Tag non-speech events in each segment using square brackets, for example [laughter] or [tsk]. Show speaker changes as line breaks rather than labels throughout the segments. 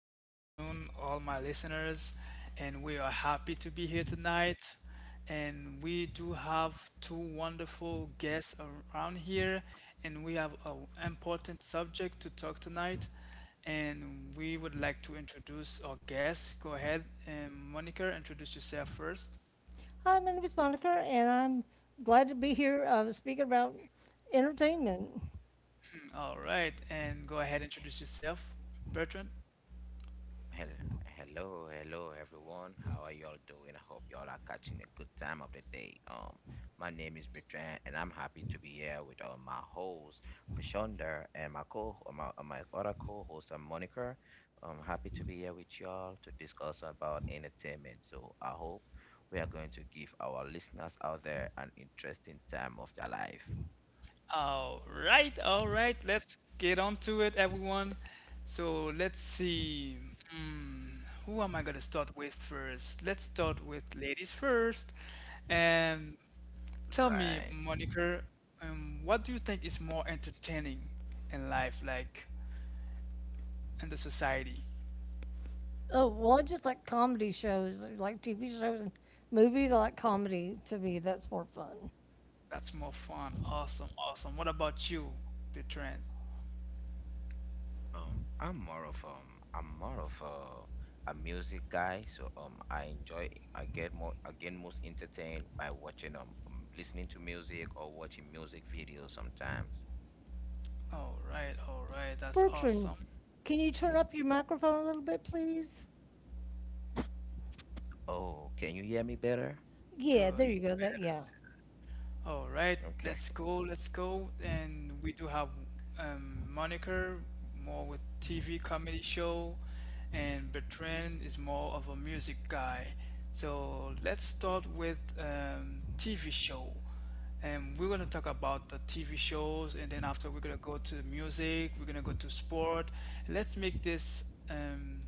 Good afternoon, all my listeners, and we are happy to be here tonight. And we do have two wonderful guests around here, and we have an important subject to talk tonight. And we would like to introduce our guests. Go ahead, and Monica, introduce yourself first.
Hi, my name is Monica, and I'm glad to be here speaking about entertainment.
All right, and go ahead, introduce yourself, Bertrand.
Hello, hello everyone. How are y'all doing? I hope y'all are catching a good time of the day. My name is Bertrand, and I'm happy to be here with my host Prashanda and my co my, my other co-host Monica. I'm happy to be here with y'all to discuss about entertainment. So I hope we are going to give our listeners out there an interesting time of their life.
All right, all right. Let's get on to it, everyone. So let's see. Hmm, who am I gonna start with first? Let's start with ladies first. And tell me,
Right.
Monica, what do you think is more entertaining in life, like in the society?
Oh, well, I just like comedy shows, I like TV shows and movies. I like comedy to me, that's more fun.
That's more fun. Awesome, awesome. What about you, Bertrand?
I'm more of a music guy, so I get more again most entertained by watching listening to music or watching music videos sometimes.
All right, all right. That's
Bertrand,
awesome.
can you turn up your microphone a little bit, please?
Oh, can you hear me better?
Yeah,
Good.
there you go. That, yeah.
All right,
Okay.
let's go, let's go. And we do have Moniker, more with TV comedy show, and Bertrand is more of a music guy. So let's start with TV show. And we're gonna talk about the TV shows, and then after we're gonna go to music, we're gonna go to sport. Let's make this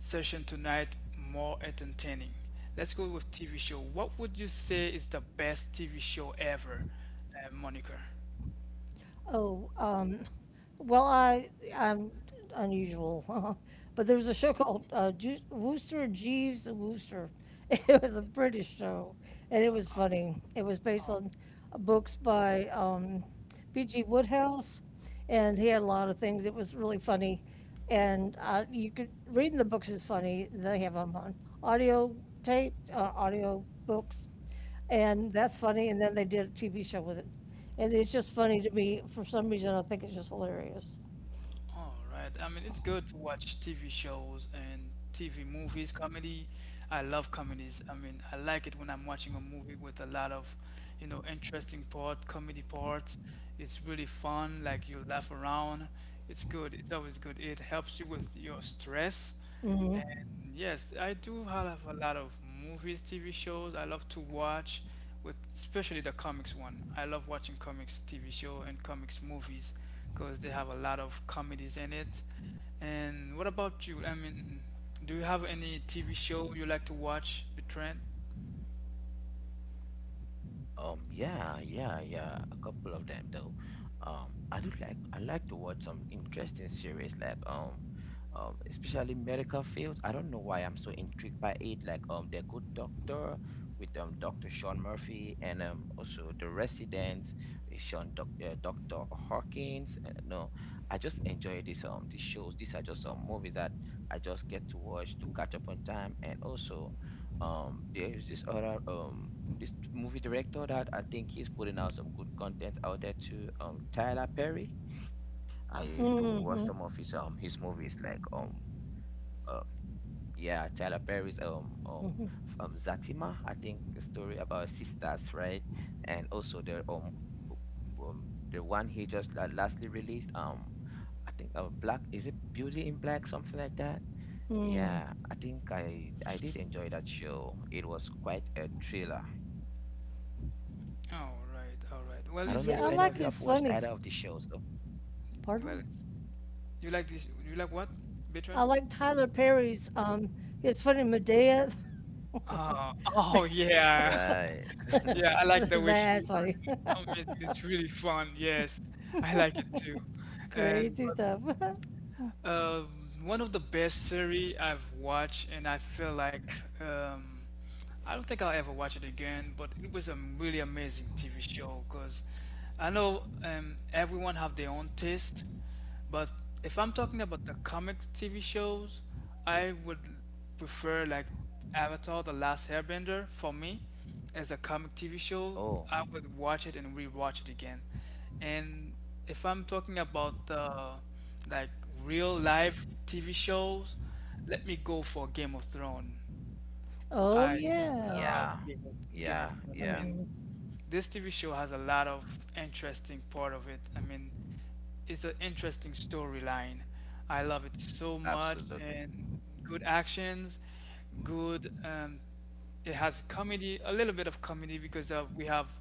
session tonight more entertaining. Let's go with TV show. What would you say is the best TV show ever, Monica?
Oh, um, well, I'm unusual, [laughs] but there was a show called Wooster Jeeves and Wooster. [laughs] It was a British show, and it was funny. It was based
Oh,
on books by P.G. Woodhouse, and he had a lot of things. It was really funny, and you could reading the books is funny. They have them on audio tape, audio books. And that's funny. And then they did a TV show with it. And it's just funny to me. For some reason, I think it's just hilarious.
all right. I mean, it's good to watch TV shows and TV movies, comedy. I love comedies. I mean, I like it when I'm watching a movie with a lot of, you know, interesting part, comedy parts. It's really fun. Like you laugh around. It's good. It's always good. It helps you with your stress. And yes, I do have a lot of movies, TV shows I love to watch, with especially the comics one. I love watching comics TV show and comics movies because they have a lot of comedies in it. And what about you? I mean, do you have any TV show you like to watch, Bertrand?
Yeah, yeah, yeah. A couple of them though. I like to watch some interesting series like especially medical fields. I don't know why I'm so intrigued by it. Like The Good Doctor with Doctor Sean Murphy and also The Residents with Sean Doc Doctor Hawkins. No, I just enjoy this these shows. These are just movies that I just get to watch to catch up on time, and also there's this other this movie director that I think he's putting out some good content out there too. Tyler Perry. I used to watch some
Hmm.
of his movies like uh yeah, Tyler Perry's Zatima, I think, a story about sisters, right? And also the one he just lastly released, I think, Black, is it Beauty in Black, something like that. Yeah, I think I did enjoy that show. It was quite a thriller.
All right, all
I
right.
don't know
Well,
if
it's
any
Yeah, I
of
good
you have
like
to.
his
watched either
funny.
of the shows, though.
Well,
Pardon?
it's, you like this? You like what, Bertrand?
I like Tyler Perry's. His funny Medea.
Oh, oh yeah. [laughs]
Right.
Yeah, I like
[laughs]
the way she
That's funny. [laughs]
amazing. It's really fun. Yes, I like it too. And
Crazy
but
stuff. [laughs]
uh, one of the best series I've watched, and I feel like um, I don't think I'll ever watch it again. But it was a really amazing TV show because I know everyone have their own taste, but if I'm talking about the comics TV shows, I would prefer like Avatar: The Last Airbender for me as a comic TV show.
Oh,
I would watch it and rewatch it again. And if I'm talking about the like real life TV shows, let me go for Game of Thrones.
Oh
I
yeah.
yeah.
love Game of
Yeah,
Thrones. I
yeah,
mean,
Mhm.
this TV show has a lot of interesting part of it. I mean, it's an interesting storyline. I love it so much,
absolutely.
and good actions, good. It has comedy, a little bit of comedy because of we have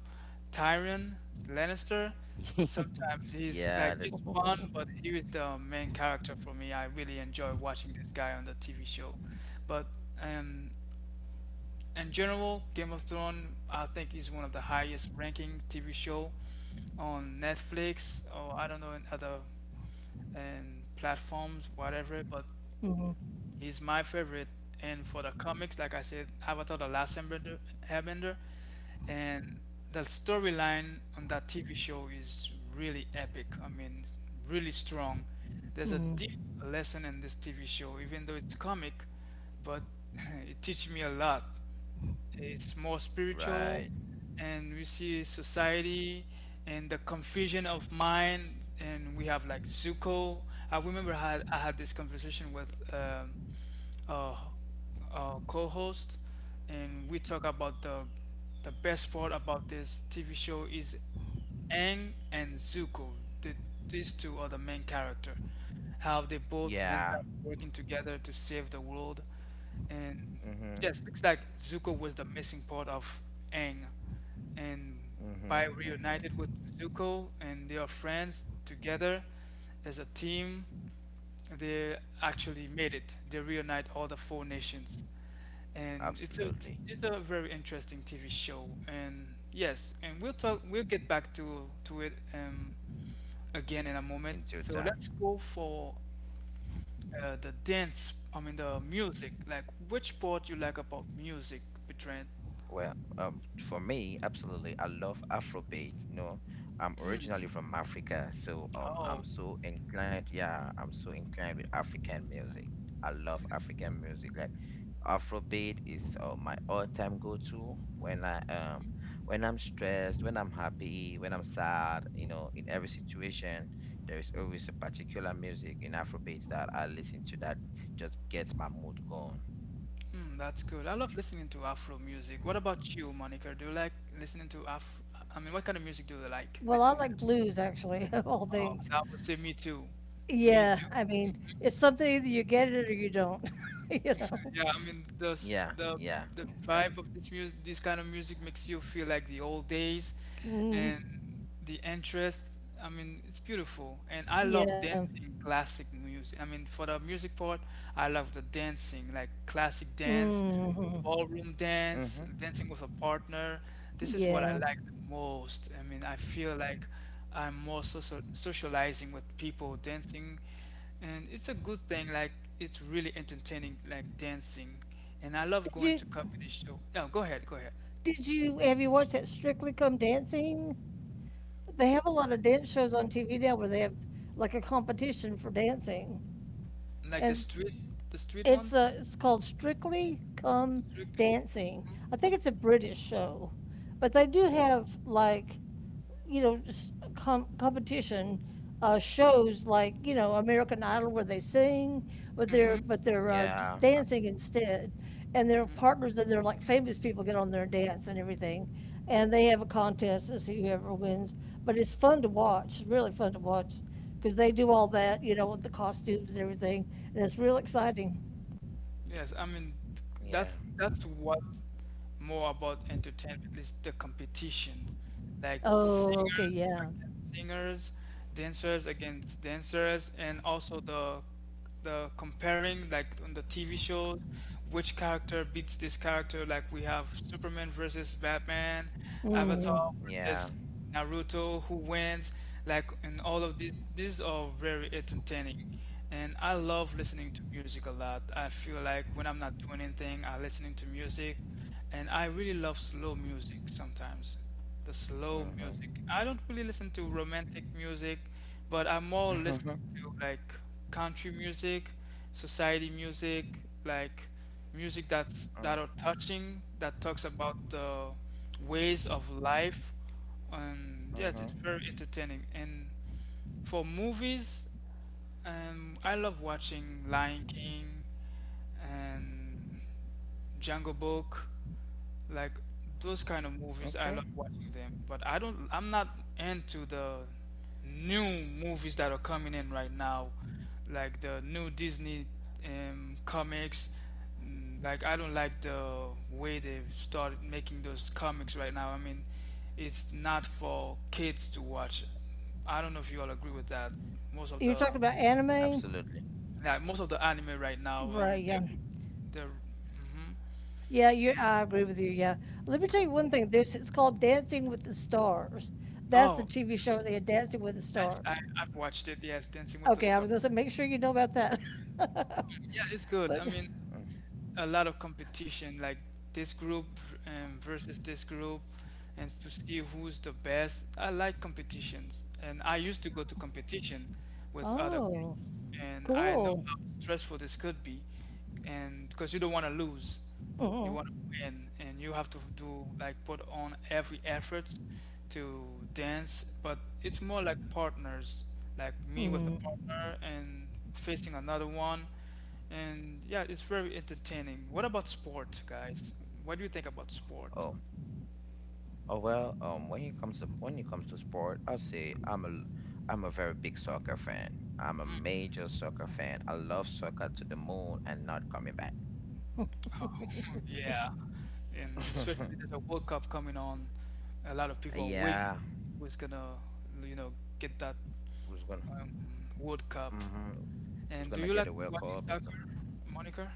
Tyrion Lannister.
[laughs]
Sometimes he's
Yeah,
like
that
he's fun, but
[laughs]
he is the main character for me. I really enjoy watching this guy on the TV show, but. Um, in general, Game of Thrones, I think, is one of the highest ranking TV show on Netflix or I don't know in other and platforms, whatever. But he's my favorite. And for the comics, like I said, Avatar: The Last Airbender, Airbender and the storyline on that TV show is really epic. I mean, it's really strong. There's a deep lesson in this TV show, even though it's comic, but [laughs] it teaches me a lot is more spiritual,
right.
and we see society and the confusion of mind. And we have like Zuko. I remember I had this conversation with uh, co-host, and we talk about the best part about this TV show is Aang and Zuko. The, these two are the main character. How they both
Yeah.
end up working together to save the world, and
Mhm.
yes, looks like Zuko was the missing part of Aang, and by
Mhm. Mhm.
reunited with Zuko and they are friends together as a team they actually made it. They reunite all the four nations, and
Absolutely.
it's a very interesting TV show. And yes, and we'll talk. We'll get back to it again in a moment.
In
So
total.
let's go for the dance. I mean the music. Like which part you like about music, Bertrand?
Well, for me, absolutely. I love Afrobeat. You know, I'm originally from Africa, so
Oh,
I'm so inclined. Yeah, I'm so inclined with African music. I love African music. Like Afrobeat is my all-time go-to when I when I'm stressed, when I'm happy, when I'm sad. You know, in every situation, there is always a particular music in Afrobeat that I listen to that just gets my mood going.
mm, that's good. I love listening to Afro music. What about you, Monica? Do you like listening to Afro? I mean, what kind of music do you like
Well, I
listening to?
like blues actually, [laughs] of all
Oh,
things.
that would say me too. Me
Yeah,
too.
I mean, it's something either you get it or you don't. [laughs] you know.
Yeah, I mean
Yeah, yeah,
the
that.
vibe of this music, this kind of music makes you feel like the old days, and the interest. I mean, it's beautiful, and I love
Yeah,
dancing classic music. I mean, for the music part, I love the dancing, like classic dance, ballroom dance,
Mm-hmm.
dancing with a partner. This is what I
yeah.
like the most. I mean, I feel like I'm more social socializing with people, dancing, and it's a good thing like it's really entertaining like dancing, and I love
Did
going
you?
to comedy show. Yeah, go ahead, go ahead.
Have you watched that Strictly Come Dancing? They have a lot of dance shows on TV now where they have like a competition for dancing,
Like
and
the street, the street ones,
it's called Strictly Come
strictly.
Dancing. I think it's a British show, but they do have like just competition shows like American Idol where they sing, but
Mm-hmm.
they're just
Yeah,
dancing instead, and their
Mm-hmm.
partners and they're like famous people get on there and dance and everything, and they have a contest to see whoever wins. But it's fun to watch. It's really fun to watch because they do all that with the costumes and everything, and it's real exciting.
Yes, I mean
yeah,
that's what more about entertainment is the competition, like
Oh, okay,
singers
yeah.
against singers, dancers against dancers, and also the comparing like on the TV shows, which character beats this character. Like we have Superman versus Batman, Avatar versus
yeah.
Naruto, who wins, like, and all of these are very entertaining. And I love listening to music a lot. I feel like when I'm not doing anything, I'm listening to music. And I really love slow music sometimes. The slow
Mm-hmm.
music. I don't really listen to romantic music, but I'm more listening to like country music, society music, like music that's that
Mm-hmm.
are touching, that talks about the ways of life, and yes, it's
Mm-hmm.
very entertaining. And for movies, I love watching Lion King and Jungle Book. Like those kind of
[laughs]
movies,
Okay.
I love watching them, but I don't, I'm not into the new movies that are coming in right now, like the new Disney comics. Mm, like I don't like the way they've started making those comics right now. I mean, it's not for kids to watch. I don't know if you all agree with that. Most of
You're
the
talking about anime,
Absolutely.
like most of the anime right now, I
right?
mean, they're
Yeah.
they're. Mhm.
Yeah, you I agree with you. Yeah. Let me tell you one thing. There's it's called Dancing with the Stars. That's the
Oh,
TV show they had Dancing with the
yes,
Stars.
I've watched it. Yes, Dancing with the
Okay, I was
Stars.
gonna say make sure you know about that. [laughs]
Yeah, it's good. I
But
mean,
Mm.
a lot of competition, like this group versus this group, and to see who's the best. I like competitions, and I used to go to competition with other
oh,
groups, and I know
cool.
how stressful this could be, and because you don't want to lose, you
Hmm.
want to win, and you have to do like put on every effort to dance. But it's more like partners, like me with a partner and facing another one and yeah, it's very entertaining. What about sport, guys? What do you think about sport?
Oh, oh well. When it comes to sport, I'll say I'm a I'm a very big soccer fan. I'm a major soccer fan. I love soccer to the moon and not coming back.
[laughs] Yeah, and especially there's
[laughs]
a World Cup coming on. A lot of people are waiting to
Yeah,
see who's gonna, you know, get that
who's gonna
um, World Cup.
mm-hmm,
And
who's
do
gonna
you like
get a World
watching
Cup, Mister?
soccer, Monica?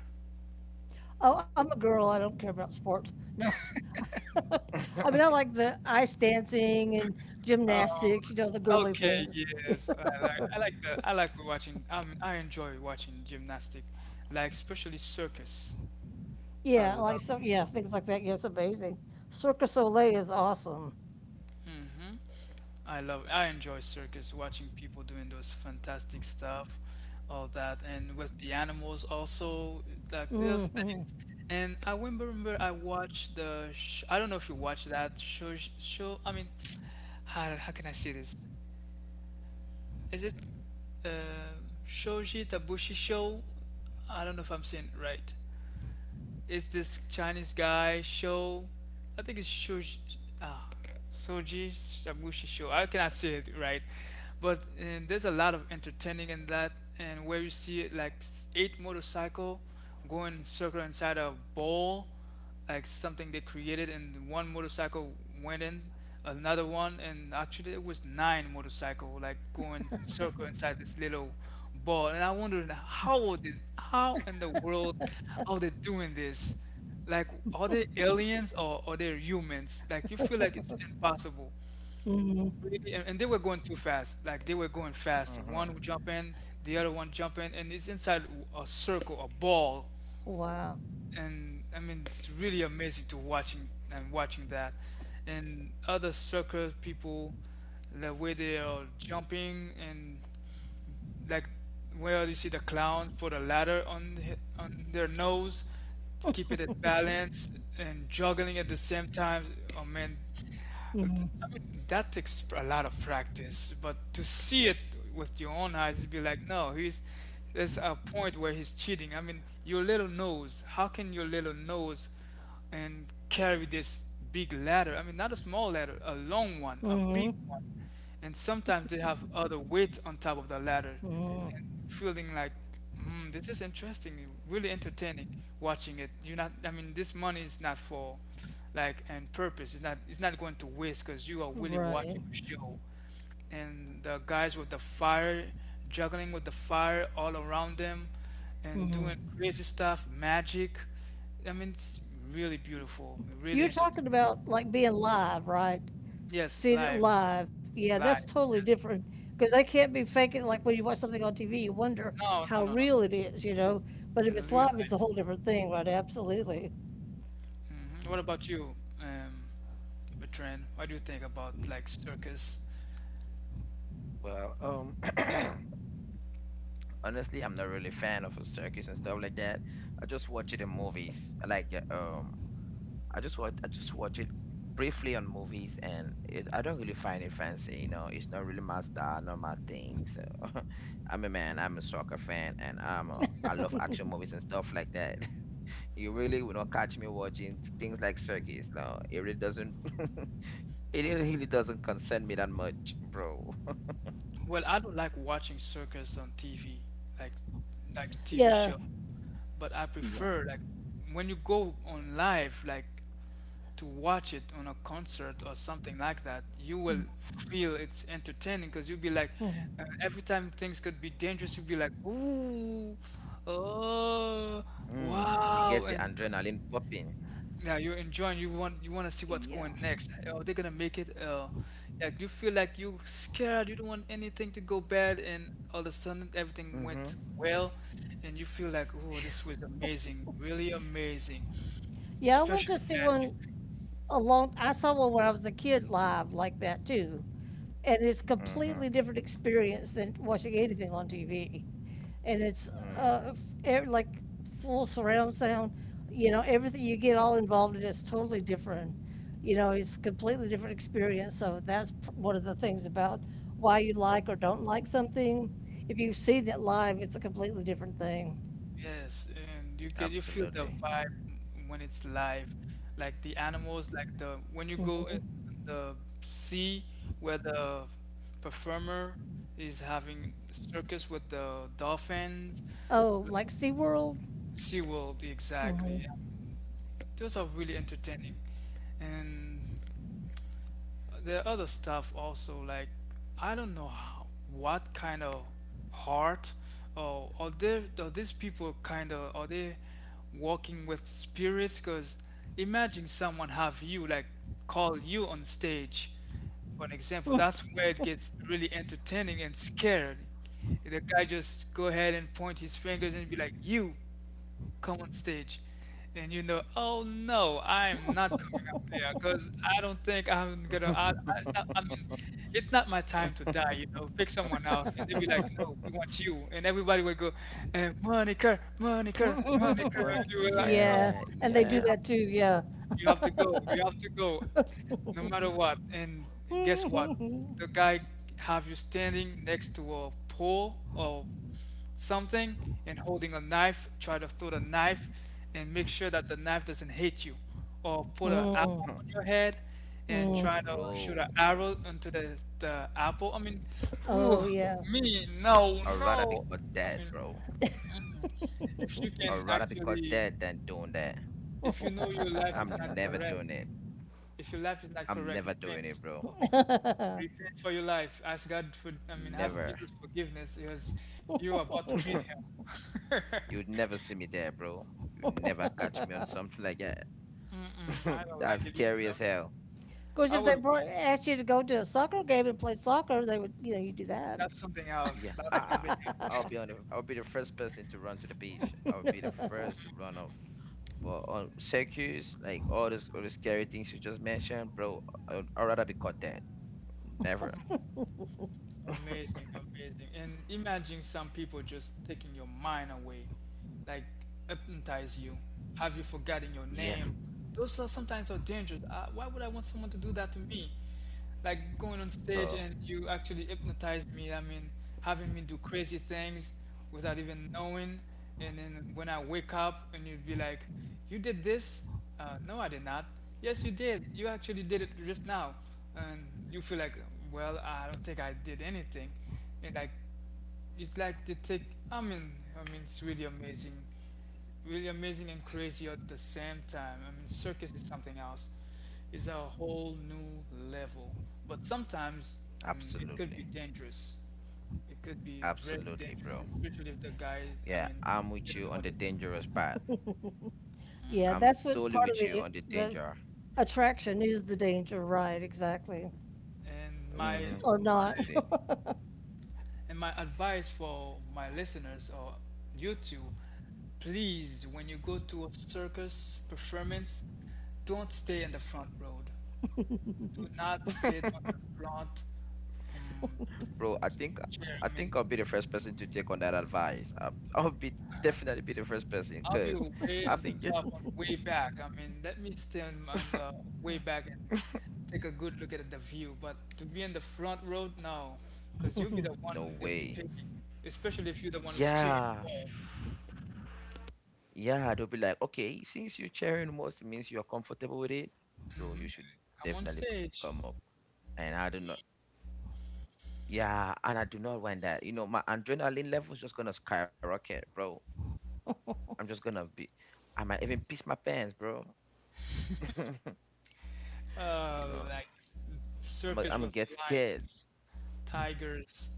Oh, I'm a girl. I don't care about sports. No. I mean, I
[laughs]
like the ice dancing and gymnastics,
Oh,
you know, the girly
okay,
things.
yes. I like that. I like watching. I mean, I enjoy watching gymnastic, like especially circus. I
Yeah, like
love.
some, yeah, things like that. Yeah, it's amazing. Cirque du Soleil is awesome.
Hmm. I love I enjoy circus, watching people doing those fantastic stuff, all that, and with the animals also, like those things. And I remember I watched the sh I don't know if you watched that show I mean, [tsk] how can I say this? Is it uh Shoji Tabushi show? I don't know if I'm saying it right is this Chinese guy Shou? I think it's Shou. Ah, Soji Shabushi Shou. I cannot say it right, but there's a lot of entertaining in that, and where you see like eight motorcycle going circle inside a bowl, like something they created, and one motorcycle went in, another one, and actually it was nine motorcycle like going circle inside this little ball. And I wondered how did how in the world are they doing this? Like are they aliens or are they humans? Like you feel like it's impossible. Really, and they were going too fast. Like they were going fast. One
Mm-hmm.
would jump in, the other one jump in, and it's inside a circle, a ball
Wow.
and I mean it's really amazing to watching and watching that and other soccer people the way they are jumping and like where you see the clown put a ladder on the, on their nose to keep it at balance and juggling at the same time oh man, I mean, that takes a lot of practice, but to see it with your own eyes, you'd be like, no, he's there's a point where he's cheating. I mean, your little nose, how can your little nose and carry this big ladder? I mean, not a small ladder, a long one, a big one. And sometimes they have other weight on top of the ladder and feeling like this is interesting, really entertaining watching it. You're not, I mean, this money is not for like and purpose. It's not, it's not going to waste because you are really
Right.
watching a show. And the guys with the fire, juggling with the fire all around them and doing crazy stuff, magic. I mean, it's really beautiful, really
You're talking
entertaining.
about like being live, right?
Yes,
Seeing it
live.
live. Yeah, that's
Live,
totally
yes.
different because they can't be faking like when you watch something on TV, you wonder
No,
how
no, no, no.
real it is, you know. But if
In
it's
real
live, it's a
life.
whole different thing, right? Absolutely.
Hmm, what about you? um Bertrand, what do you think about like circus?
Well, [clears throat] Honestly, I'm not really a fan of a circus and stuff like that. I just watch it in movies. I like I just watch it briefly on movies, and it, I don't really find it fancy. You know, it's not really my style, not my thing. So [laughs] I'm a man. I'm a soccer fan, and I love action movies and stuff like that. [laughs] You really will not catch me watching things like circus. No, it really doesn't. [laughs] It really really doesn't concern me that much, bro. [laughs]
Well, I don't like watching circus on TV, like like TV
Yeah,
show, but I
yeah,
prefer like when you go on live, like to watch it on a concert or something like that. You will feel it's entertaining because you'll be like, every time things could be dangerous, you'll be like, ooh, oh,
Mm, it gets
wow.
the
And
adrenaline popping.
yeah, you're enjoying. You want, you want to see what's
yeah.
going next. Are they gonna make it? Like you feel like you scared. You don't want anything to go bad, and all of a sudden everything went
Mm-hmm.
well, and you feel like, oh, this was amazing, really amazing,
Yeah, I went
special
to see
magic.
one I saw one when I was a kid live like that too. And it's a
Mm-hmm.
completely different experience than watching anything on TV. And it's
Mm,
uh, like full surround sound, you know, everything you get all involved in is totally different. You know, it's a completely different experience. So that's one of the things about why you like or don't like something. If you've seen it live, it's a completely different thing.
Yes, and you get, you feel the
absolutely.
vibe when it's live, like the animals, like the, when you go in the sea where the performer is having circus with the dolphins.
Oh, like SeaWorld?
SeaWorld, exactly. Those are really entertaining. And the other stuff also, like, I don't know how, what kind of heart, or are there, are these people kind of, are they walking with spirits? Because imagine someone have you, like, call you on stage. For an example, that's where it gets really entertaining and scared. The guy just go ahead and point his fingers and be like, you come on stage, and you know, oh no, I'm not coming up there because I don't think I'm gonna. It's not, I mean,
[laughs]
it's not my time to die, you know. Pick someone else, and they'd be like, no, we want you. And everybody would go, and Monica, Monica, Monica.
Like,
And you were like,
Yeah.
yeah,
no,
And they
and you
do
yeah,
have,
that too. Yeah.
you have to go. You have to go, no matter what. And guess what? The guy have you standing next to a pole or something and holding a knife. Try to throw the knife and make sure that the knife doesn't hit you. Or put an apple on your head and try to shoot
bro.
an arrow into the apple. I mean, whew,
Oh, yeah.
me, no,
I'd rather be
no.
caught
I
dead,
mean,
bro.
if you
I'd
can
rather be caught
actually,
dead than doing that.
if you know your life is not
I'm never doing
correct,
it.
if your life is not
I'm
correct,
never doing
repent.
it, bro.
Repent for your life. Ask God for, I mean, ask
Never.
Jesus forgiveness because you're about to meet Him.
[laughs]
[laughs]
You'd never see me there, bro. You'd never catch me on something like that.
Mm-mm,
[laughs]
I don't
That's
like it
scary
either.
as hell.
Course,
I
if they
would,
brought, asked you to go to a soccer game and play soccer, they would, you know, you do that.
that's something else.
Yeah.
That's something else.
I'll be the first person to run to the page. I'll be the first to run off. But on circus, like all the scary things you just mentioned, bro, I'd rather be caught dead. Never. [laughs]
Amazing, amazing. And imagine some people just taking your mind away, like hypnotize you, have you forgotten your
Yeah,
name. Those are sometimes are dangerous. Why would I want someone to do that to me? Like going on stage
bro.
and you actually hypnotize me. I mean, having me do crazy things without even knowing. And then when I wake up and you'd be like, "You did this? No, I did not. Yes, you did. You actually did it just now." And you feel like, well, I don't think I did anything. And like, it's like they take, I mean, I mean, it's really amazing. Really amazing and crazy at the same time. I mean, circus is something else. It's a whole new level. But sometimes it could be
Absolutely.
dangerous. It could be very
Absolutely,
dangerous,
bro.
especially if the guy, I
Yeah, I'm
mean,
with
they don't
you
know
on
what
the
they're
dangerous
doing.
part.
Yeah,
I'm
that's what's
solely
part of
with you on the
the
danger.
attraction is the danger, right? Exactly,
And my,
Mm-hmm.
or
my
not.
So,
and my advice for my listeners or you too, please, when you go to a circus performance, don't stay in the front row. Do not sit on the front um,
bro,
chair.
I
I
think
mean,
I'll be the first person to take on that advice. I, [laughs] I'll be definitely be the first person
I'll be
because
way
I
on the
think it.
top, on way back. I mean, let me stand on the way back and
[laughs]
take a good look at the view. But to be in the front row, no, because you'll be the
No
one they'll be
way.
picking, especially if you're the one who's cheering
Yeah,
for.
yeah. They'll be like, okay, since you're sharing most, it means you're comfortable with it, so you should
Come
definitely
on
come up.
stage.
And I do not. Yeah, and I do not want that. You know, my adrenaline level's just gonna skyrocket, bro. I'm just gonna be. I might even piss my pants, bro. [laughs] You know,
Like
I'm. I am I
circus
gonna
with
get scared.
lions, tigers,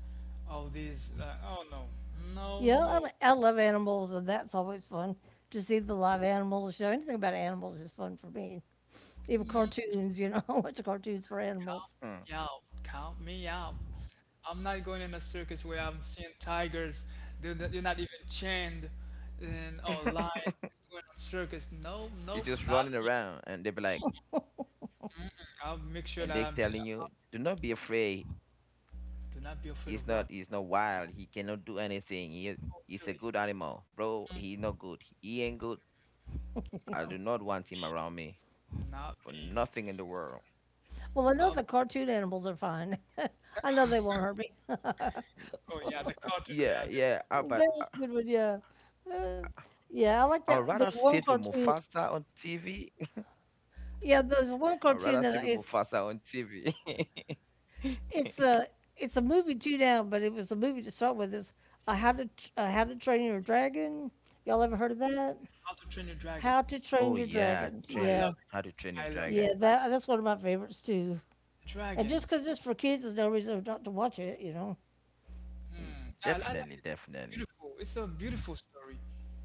all these. Oh no,
[laughs]
no,
yeah, I,
no!
mean, I love animals, and that's always fun to see the live animals. Show anything about animals is fun for me. Even cartoons, you know, [laughs] I watch cartoons for animals.
Count
Mm.
me out! Count me out! I'm not going in a circus where I'm seeing tigers. They're not even chained, and oh
[laughs]
lions. Going on circus? No,
They're
no,
just running
not me.
around and they be like,
I'll make
and
sure
they
that I'm.
telling you, do not be afraid.
Do not be afraid of what?
He's not wild. He cannot do anything.
Oh
He's a
really?
good animal. Bro, he's not good. He ain't good. I
No,
do not want him around me
not
for
me.
nothing in the world.
Well, I know
I'll,
the cartoon animals are fine. [laughs] I know they won't hurt me. [laughs] that
Y-
oh yeah, the cartoon.
Yeah, yeah. I, but
was a good one, yeah. Uh, yeah, I like
I, I'd
that.
rather
There's one
sit with
cartoon.
Mufasa on TV.
Yeah, there's one
[laughs] I'd
cartoon
rather sit
that
with Mufasa on TV. [laughs]
it's a it's a movie too now, but it was a movie to start with. It's a How to Train Your Dragon. Y'all ever heard of that?
How to Train Your Dragon.
How to Train
Oh
Your
yeah,
Dragon.
I
training
Yeah,
love
how to
it.
train your
I love it.
yeah,
dragon.
that that's one of my favorites too. And just
Dragons.
because it's for kids, there's no reason not to watch it. You know.
Mm. I like
Definitely,
it. It's
definitely.
beautiful. It's a beautiful story.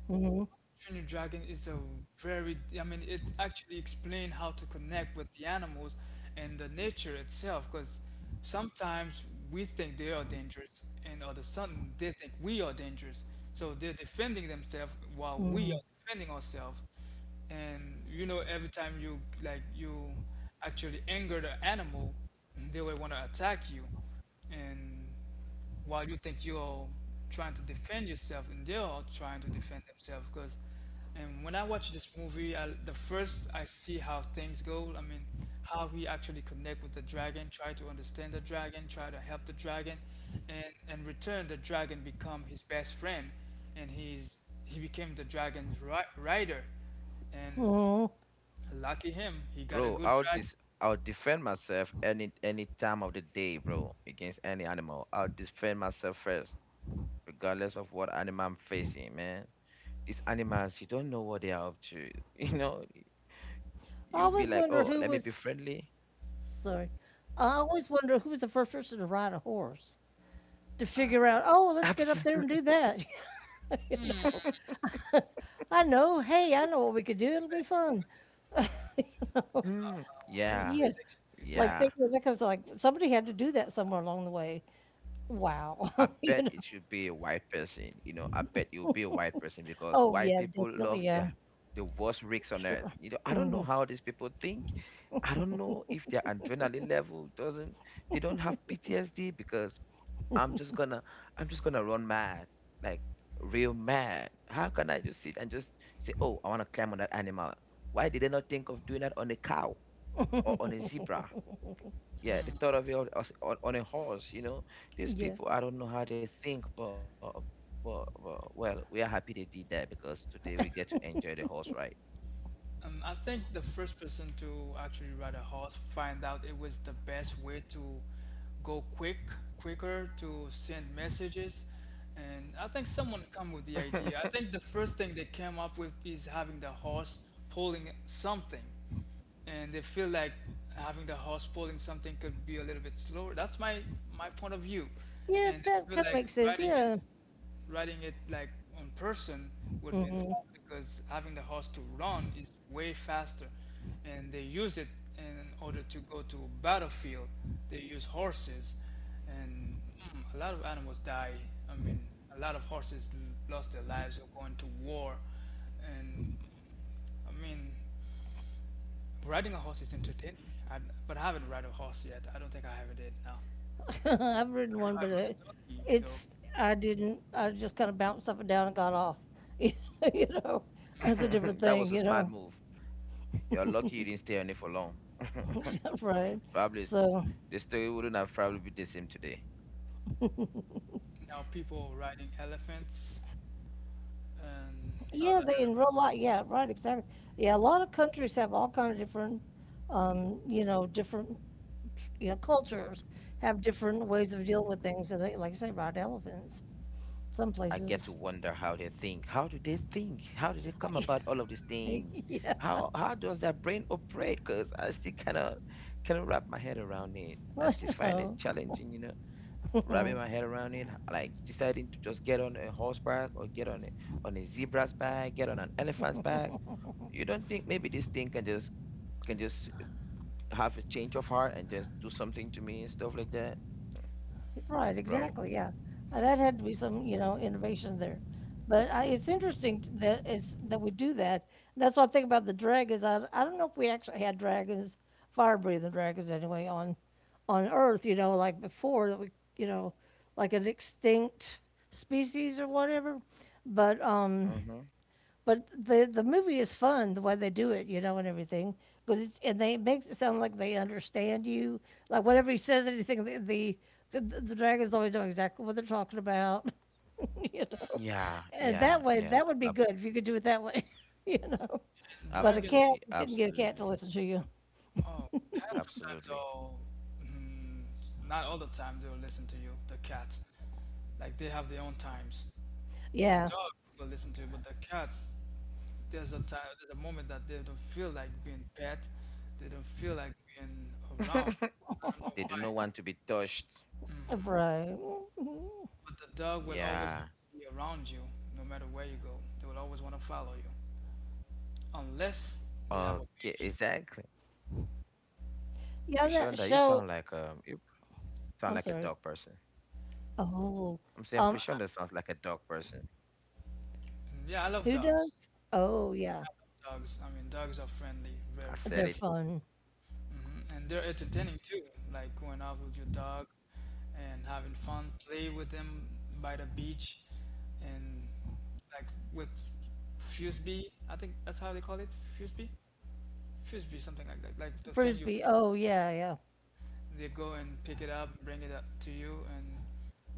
Mm.
Train Your Dragon is a very, I mean, it actually explained how to connect with the animals and the nature itself. Because sometimes we think they are dangerous, and other sudden they think we are dangerous. So they're defending themselves while we are defending ourselves. And you know, every time you actually anger the animal, they will want to attack you. And while you think you're trying to defend yourself and they're all trying to defend themselves because and when I watch this movie, the first I see how things go, I mean, how he actually connect with the dragon, try to understand the dragon, try to help the dragon, and return, the dragon become his best friend, and he became the dragon's rider. And
Hmm.
lucky him, he got a
Bro,
good dragon.
I'll defend myself any time of the day, bro, against any animal. I'll defend myself first, regardless of what animal I'm facing, man. These animals, you don't know what they are up to. [laughs] You know,
I
you be
always
like,
wonder
oh,
who
let me be
was
friendly.
sorry. I always wonder who was the first person to ride a horse to figure out, oh,
[laughs]
let's get up there and
Absolutely.
do that. [laughs] you know,
[laughs]
[laughs] I know,
A
hey, I
good,
know what we
that's
could
a
do.
good
It'll be
thing.
fun. [laughs]
Mm,
Who
yeah,
yeah.
did
Like,
exactly.
yeah.
they, because like somebody had to do that somewhere along the way. Wow.
I
[laughs] you
bet
know,
it should be a white person. You know, I bet you'll be a white person because
oh,
white
yeah,
people
definitely.
love
Yeah,
their the worst rigs on earth.
sure.
You know, I don't know how these people think. I don't know if their adrenaline level doesn't. They don't have PTSD because I'm just gonna I'm just gonna run mad, like real mad. How can I just sit and just say, oh, I want to climb on that animal? Why did they not think of doing that on a cow or on a zebra? Yeah, they thought of it on, on a horse, you know. These
Yeah.
people, I don't know how they think, but well, we are happy they did that because today we get to enjoy the horse ride.
I think the first person to actually ride a horse find out it was the best way to go quick, quicker to send messages. And I think someone come with the idea. I
[laughs]
think the first thing they came up with is having the horse pulling something and they feel like having the horse pulling something could be a little bit slower. That's my, my point of view,
Yeah,
and they
that
feel
kind of
like
makes sense. Yeah.
riding it like in person would have been
Mm-hmm.
faster because having the horse to run is way faster, and they use it in order to go to a battlefield. They use horses, and a lot of animals die. I mean, a lot of horses lost their lives or going to war, and I mean. Riding a horse is entertaining, I, but I haven't ride a horse yet. I don't think I ever did. No,
[laughs] I've ridden one,
I,
but
rode a donkey though.
it's I didn't. I just kind of bounced up and down and got off. [laughs] you know, that's a different
That
thing.
was a
You
smart
know.
move. You're lucky you didn't stay on it for long.
[laughs] right.
[laughs] Probably
So
the story wouldn't have probably been the same today.
Now people riding elephants and
yeah,
other
they in real
animals.
life. Yeah, right. Exactly. Yeah, a lot of countries have all kind of different, you know, different, you know, cultures have different ways of dealing with things. And they, like you say, ride elephants. Some
I get to
places.
wonder how they think. How do they think? How do they come about all of these things?
[laughs] yeah.
How does their brain operate? Because I still cannot wrap my head around it.
[laughs]
I
I
still find it
know.
challenging, you know. Wrapping my head around it, like deciding to just get on a horseback or get on a zebra's back, get on an elephant's back. You don't think maybe this thing can just have a change of heart and just do something to me and stuff like that,
Right,
bro?
exactly, yeah. That had to be some, you know, innovation there. But I, it's interesting that it's that we do that. That's what I think about the dragons. I don't know if we actually had dragons, fire breathing dragons anyway, on Earth, you know, like before that we, you know, like an extinct species or whatever. But um,
Mm-hmm.
but the movie is fun the way they do it, you know, and everything because it's and they it makes it sound like they understand you. Like whenever he says anything, the dragons always know exactly what they're talking about, [laughs] you know.
Yeah,
And that
yeah,
way,
yeah.
that would be good if you could do it that way, [laughs] you know.
And
But a
dragons.
cat,
Absolutely,
you couldn't get a cat
absolutely,
to listen to you.
Oh, cats sometimes.
absolutely.
Oh, mm, not all the time. They'll listen to you. The cats, like they have their own times. A
Yeah,
dog will listen to you, but the cats, there's a time, there's a moment that they don't feel like being pet. They don't feel like being around.
[laughs]
I don't know
They do
why.
not want to be touched.
right.
But the dog will always want
Yeah.
to be around you, no matter where you go. They will always want to follow you, unless they have a
Okay,
baby.
exactly.
Yeah, on that
Bishonda,
show.
you sound
I'm
like a
sorry.
dog person.
Oh,
I'm saying, I'm
um,
pretty sure that sounds like a dog person.
Mm, yeah, I love
who
dogs.
does? Oh, yeah,
Dogs. I mean, dogs are friendly, very
I
they're
said
friendly,
it.
fun.
hmm, and they're entertaining too. Like going out with your dog and having fun, play with them by the beach, and like with frisbee. I think that's how they call it, frisbee, frisbee, something like that. Like the thing you,
Frisbee. Oh, yeah, yeah.
they go and pick it up, bring it up to you, and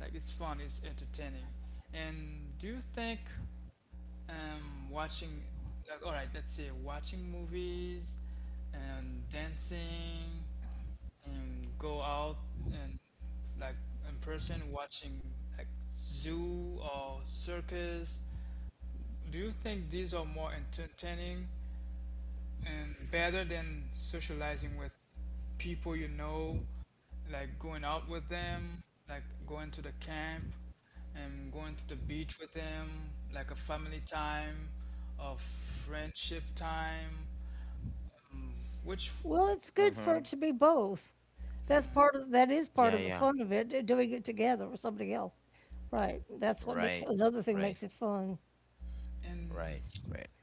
like it's fun, it's entertaining. And do you think watching, like, all right, let's say watching movies and dancing and go out and like in person watching like zoo or circus. Do you think these are more entertaining and better than socializing with people you know, like going out with them, like going to the camp and going to the beach with them, like a family time, a friendship time, which
Well, it's good for it
Mm-hmm.
to be both. That's part of that is part of
Yeah,
the
yeah.
fun of it, doing it together with somebody else. Right. That's what makes
Right,
another thing makes
right,
it fun.
and
right, right.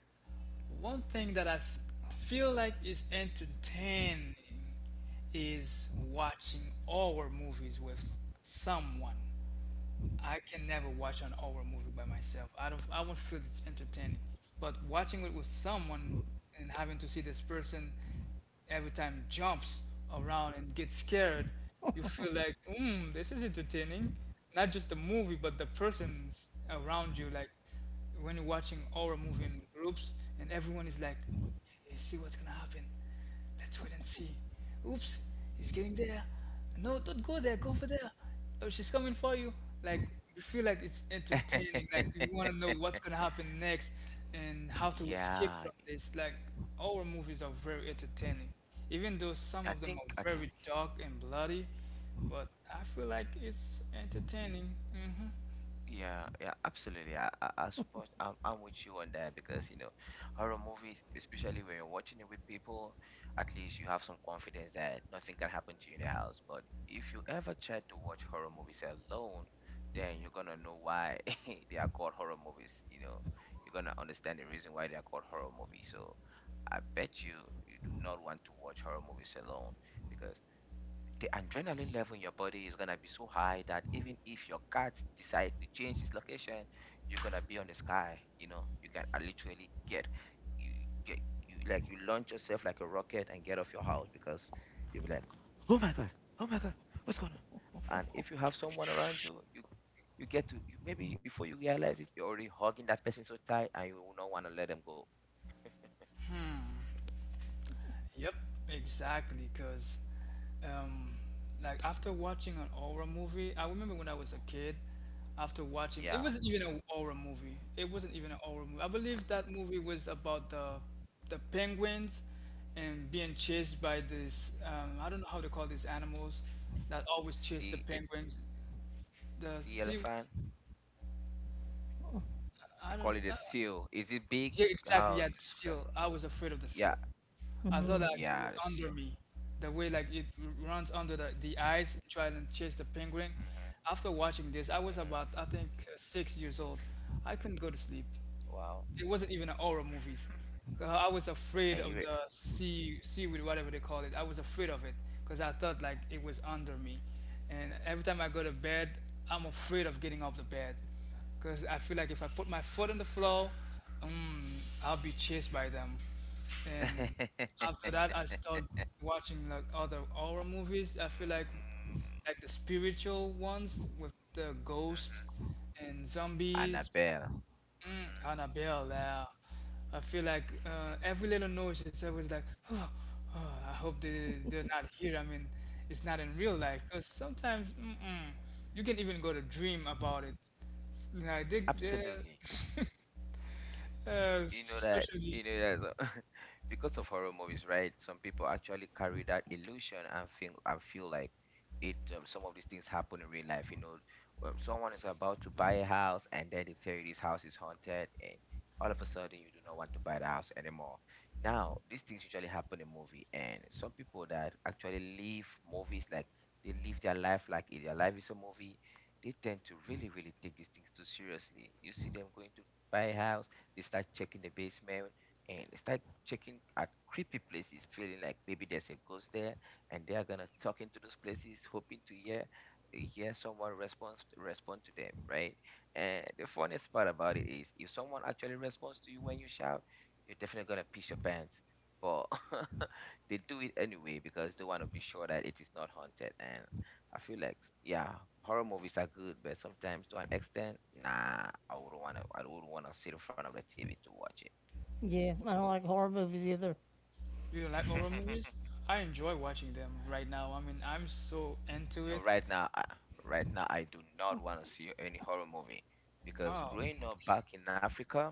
one thing that feel like is entertaining is watching horror movies with someone. I can never watch an horror movie by myself. I don't. I won't feel it's entertaining. But watching it with someone and having to see this person every time jumps around and gets scared, you feel like, mm, this is entertaining. Not just the movie, but the persons around you. Like when you're watching horror movie in groups, and everyone is like, you see what's gonna happen. Let's wait and see. Oops, he's getting there, no, don't go there, go over there. Oh, she's coming for you. Like you feel like it's entertaining, like you wanna
[laughs]
know what's gonna happen next and how to escape
Yeah,
from this. Like our movies are very entertaining. Even though some of them are
I
very
think.
dark and bloody, but I feel like it's entertaining.
Yeah, yeah, absolutely. I suppose I'm with you on that because, you know, horror movies, especially when you're watching it with people, at least you have some confidence that nothing can happen to you in the house. But if you ever try to watch horror movies alone, then you're gonna know why [laughs] they are called horror movies. You know, you're gonna understand the reason why they are called horror movies. So I bet you you do not want to watch horror movies alone because the adrenaline level in your body is gonna be so high that even if your cat decides to change its location, you're gonna be on the sky. You know, you can literally you get you like you launch yourself like a rocket and get off your house because you'll be like, oh my god, oh my god, what's going on? And if you have someone around you, maybe before you realize it, you're already hugging that person so tight and you will not want to let them go.
Yep, exactly. Because, um, like after watching an horror movie, I remember when I was a kid. After watching, it
Yeah,
wasn't even a horror movie. It wasn't even a horror movie. I believe that movie was about the penguins and being chased by this. I don't know how to call these animals that always chase the
see, the-
penguins. The
see
sea.
elephant. They
I
call
don't.
it a seal. Is it big?
Yeah, exactly.
How?
Yeah, the seal. I was afraid of the
Yeah,
seal. I thought like it
yeah,
was
that's
under
you.
me. The way like it runs under the ice and trying to chase the penguin. After watching this, I was about I think 6 years old. I couldn't go to sleep.
Mm-hmm. Mm. Wow.
It wasn't even an horror movies. I was
I
afraid
hear
of
it.
the seaweed, whatever they call it. I was afraid of it because I thought like it was under me, and every time I go to bed, I'm afraid of getting off the bed because I feel like if I put my foot on the floor, I'll be chased by them. And
[laughs]
after that, I started watching like other horror movies. I feel like the spiritual ones with the ghost and
Mm-hmm.
zombies.
Annabelle.
Mm,
Mm-hmm.
Annabelle, yeah. I feel like
[laughs]
every little noise is always like, [sighs] oh, I hope they're not here. I mean, it's not in real life because sometimes mm-mm, you can even go to dream about it. Like, they,
Absolutely.
[laughs]
You know that,
especially
you know that, [laughs] because of horror movies, right? Some people actually carry that illusion and feel like it some of these things happen in real life. Someone is about to buy a house, and then they tell you this house is haunted, and all of a sudden you do not want to buy the house anymore. Now these things usually happen in movie, and some people that actually live movies, like, they live their their life is a movie. They tend to really, really take these things too seriously. You see them going to buy a house, they start checking the basement, and they start checking at creepy places, feeling like maybe there's a ghost there, and they are gonna talk into those places, hoping to hear someone respond to them, right? And the funniest part about it is, if someone actually responds to you when you shout, you're definitely gonna piss your pants. But [laughs] they do it anyway because they want to be sure that it is not haunted. And I feel like, yeah, horror movies are good, but sometimes to an extent, nah, I wouldn't wanna sit in front of the TV to watch it.
Yeah, I don't like horror movies either.
you know, like horror movies,
[laughs]
I enjoy watching them right now. I mean, I'm so into
No,
it.
right right now I do not want to see any horror movie, because
Oh,
growing up back in Africa,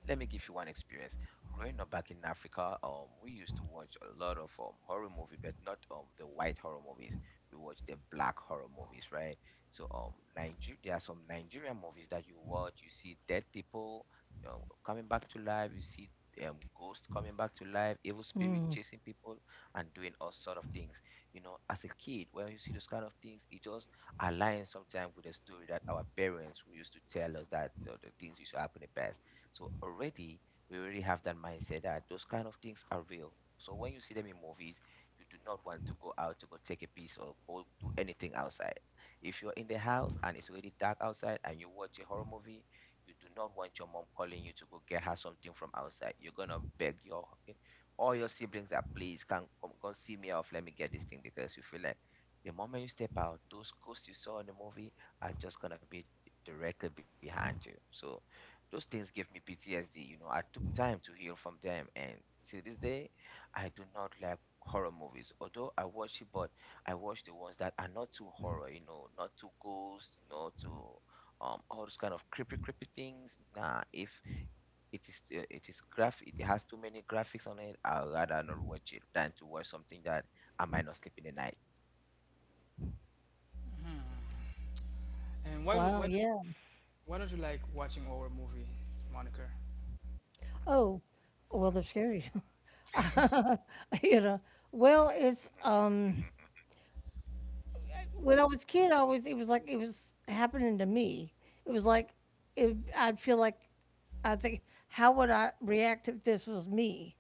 let me give you one experience. Growing up back in Africa, we used to watch a lot of horror movies, but not the white horror movies. We watch the black horror movies, right? So there are some Nigerian movies that you watch. You see dead people coming back to life. You see ghosts coming back to life, evil spirit
Hmm.
chasing people, and doing all sort of things. You know, as a kid, when you see those kind of things, it just aligns sometimes with the story that our parents who used to tell us that the things used to happen in the past. So already we already have that mindset that those kind of things are real. So when you see them in movies, you do not want to go out to go take a piece or go do anything outside. If you're in the house and it's already dark outside and you watch a horror movie, you do not want your mom calling you to go get her something from outside. You're gonna beg your all your siblings that please can come see me off. Let me get this thing, because you feel like the moment you step out, those ghosts you saw in the movie are just gonna be directly behind you. So those things gave me PTSD. You know, I took time to heal from them, and to this day, I do not like horror movies. Although I watch it, but I watch the ones that are not too horror. You know, not too ghost, not too all those kind of creepy, creepy things. Nah, if it has too many graphics on it, I'd rather not watch it than to watch something that I might not sleep in the night.
and
Wow, yeah.
why don't you like watching horror movie, Monica?
Oh, well, they're scary. [laughs] you know. Well, it's
[laughs]
when I was a kid, I always it was like it was happening to me. It was like I'd feel like I think how would I react if this was me?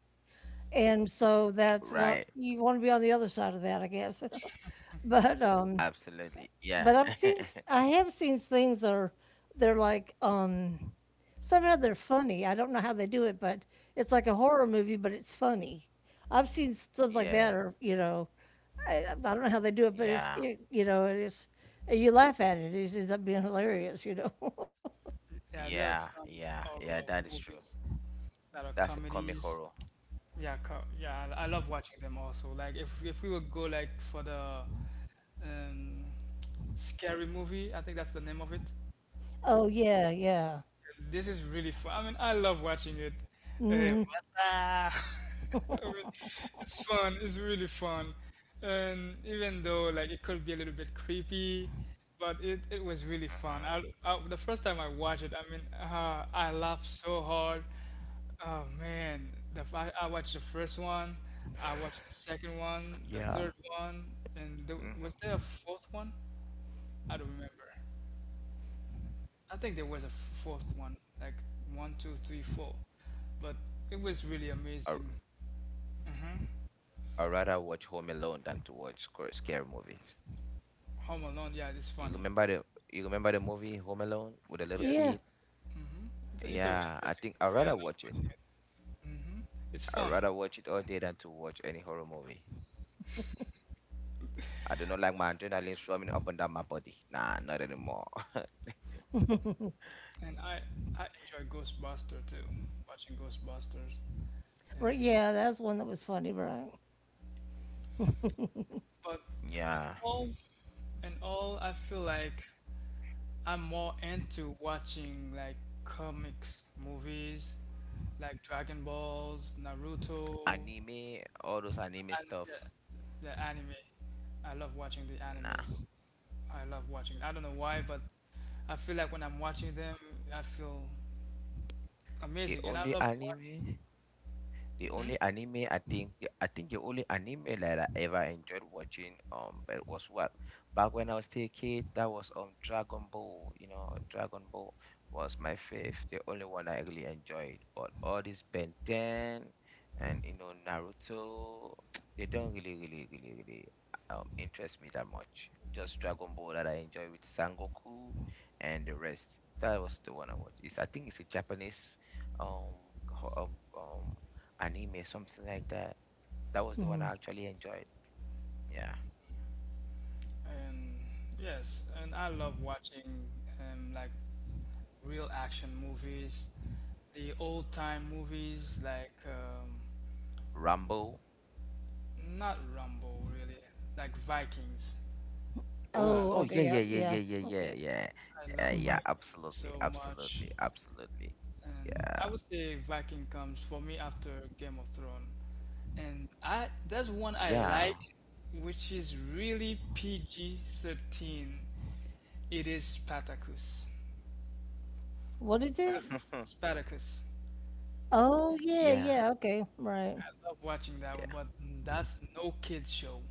And so that's not,
Right.
you want to be on the other side of that, I guess. [laughs] but um,
Absolutely.
but
Yeah.
I've seen, I have seen things that are, they're like, somehow they're funny. I don't know how they do it, but it's like a horror movie, but it's funny. I've seen stuff
[laughs]
like that,
Yeah.
or you know, I don't know how they do it, but it's
Yeah.
it, you know, it is you laugh at it. It ends up being hilarious, you know.
Yeah, there are
Yeah,
some
yeah, yeah,
horror
that is true.
movies that are
That's a comic
comedies.
horror.
Yeah, yeah, I love watching them also. Like if we would go like for the um, [tsk] scary movie, I think that's the name of it.
[laughs] oh yeah, yeah,
This is really fun. I mean, I love watching it. What's up? [laughs] I mean, it's fun. It's really fun. And even though like it could be a little bit creepy, but it was really fun.
Hmm.
I the first time I watched it, I mean, I laughed so hard. Oh man, I watched the first one, I watched the second one, the
Yeah.
third one, and was
Hmm.
there a fourth one? I don't remember. I think there was a fourth one, like one, two, three, four. But it was really
I
amazing.
I rather watch Home Alone than to watch scary movies.
Home Alone, yeah, it's
You
funny.
remember the you remember the movie Home Alone with the little
Yes,
yeah,
kid?
it's a, it's an
Yeah, I
interesting
think I
movie. I
rather
love
watch it.
watching it. It's
I
fun,
rather watch it all day than to watch any horror movie. I do not like my adrenaline swarming up and down my body. Nah, not anymore.
and I enjoy Ghostbuster too, watching Ghostbusters.
right.
And
Yeah, that's one that was funny, right?
but in
[laughs] Yeah,
all in all, I feel like I'm more into watching like comics movies, like Dragon Balls, Naruto.
anime, all those anime
And
stuff.
yeah, the anime. I love watching the
Nah,
animes. I love watching. I don't know why, but I feel like when I'm watching them, I feel
the
amazing, and I
only
love watching.
anime The only anime I think the only anime that I ever enjoyed watching, but was what back when I was still a kid, that was Dragon Ball. You know, Dragon Ball was my fifth, the only one I really enjoyed. But all this Ben 10 and, you know, Naruto, [tsk] they don't really interest me that much, just Dragon Ball that I enjoy, with Sangoku and the rest. That was the one I watched. It's, I think it's a Japanese um ho- um, um anime, something like that. That was the one I actually enjoyed. Yeah,
Hmm? And yes, and I love watching like real action movies, the old time movies, like
Rambo.
not Rambo really, like Vikings.
Oh,
Love,
Oh,
oh yeah,
okay,
yeah,
yes,
yeah, yeah,
yeah,
yeah, yeah,
okay.
yeah,
I love
yeah.
Vikings
Absolutely,
so much.
absolutely, absolutely.
And I
Yeah,
would say Viking comes for me after Game of Thrones. And I there's one I
yeah,
like, which is really PG-13. It is Spartacus.
What is it?
[laughs]
Spartacus.
Oh, yeah,
yeah,
yeah, okay, right.
I love watching that one,
yeah.
but that's no kids show.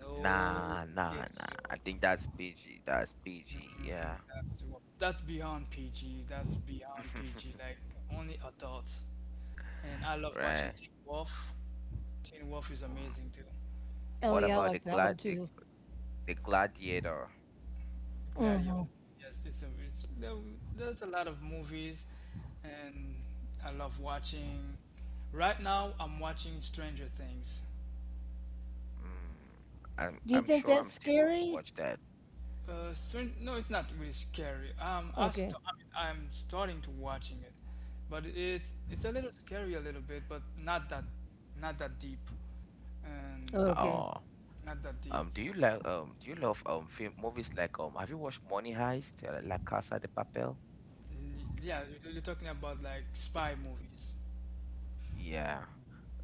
No
Nah, nah,
kids
nah. I
show.
think that's PG. That's PG.
Mm,
Yeah.
that's beyond PG. That's beyond PG.
[laughs]
Like only adults. And I love watching
Right.
Teen Wolf. Teen Wolf is
Mm.
amazing too.
Oh,
What
yeah, I
Um,
about
like that one
the,
too.
the Gladiator?
Gladio. Yes, it's, there's a lot of movies, and I love watching. Right now, I'm watching Stranger Things.
Mm. I'm
Do you
I'm
think
sure
that's
I'm still to watch
scary?
that.
No, it's not really scary.
Okay,
I mean, I'm starting to watching it, but it's a little scary a little bit, but not that deep, and
okay.
Oh.
not that deep.
Do you like do you love film movies like, have you watched Money Heist, La Casa de Papel?
Yeah, you're talking about like spy movies.
Yeah,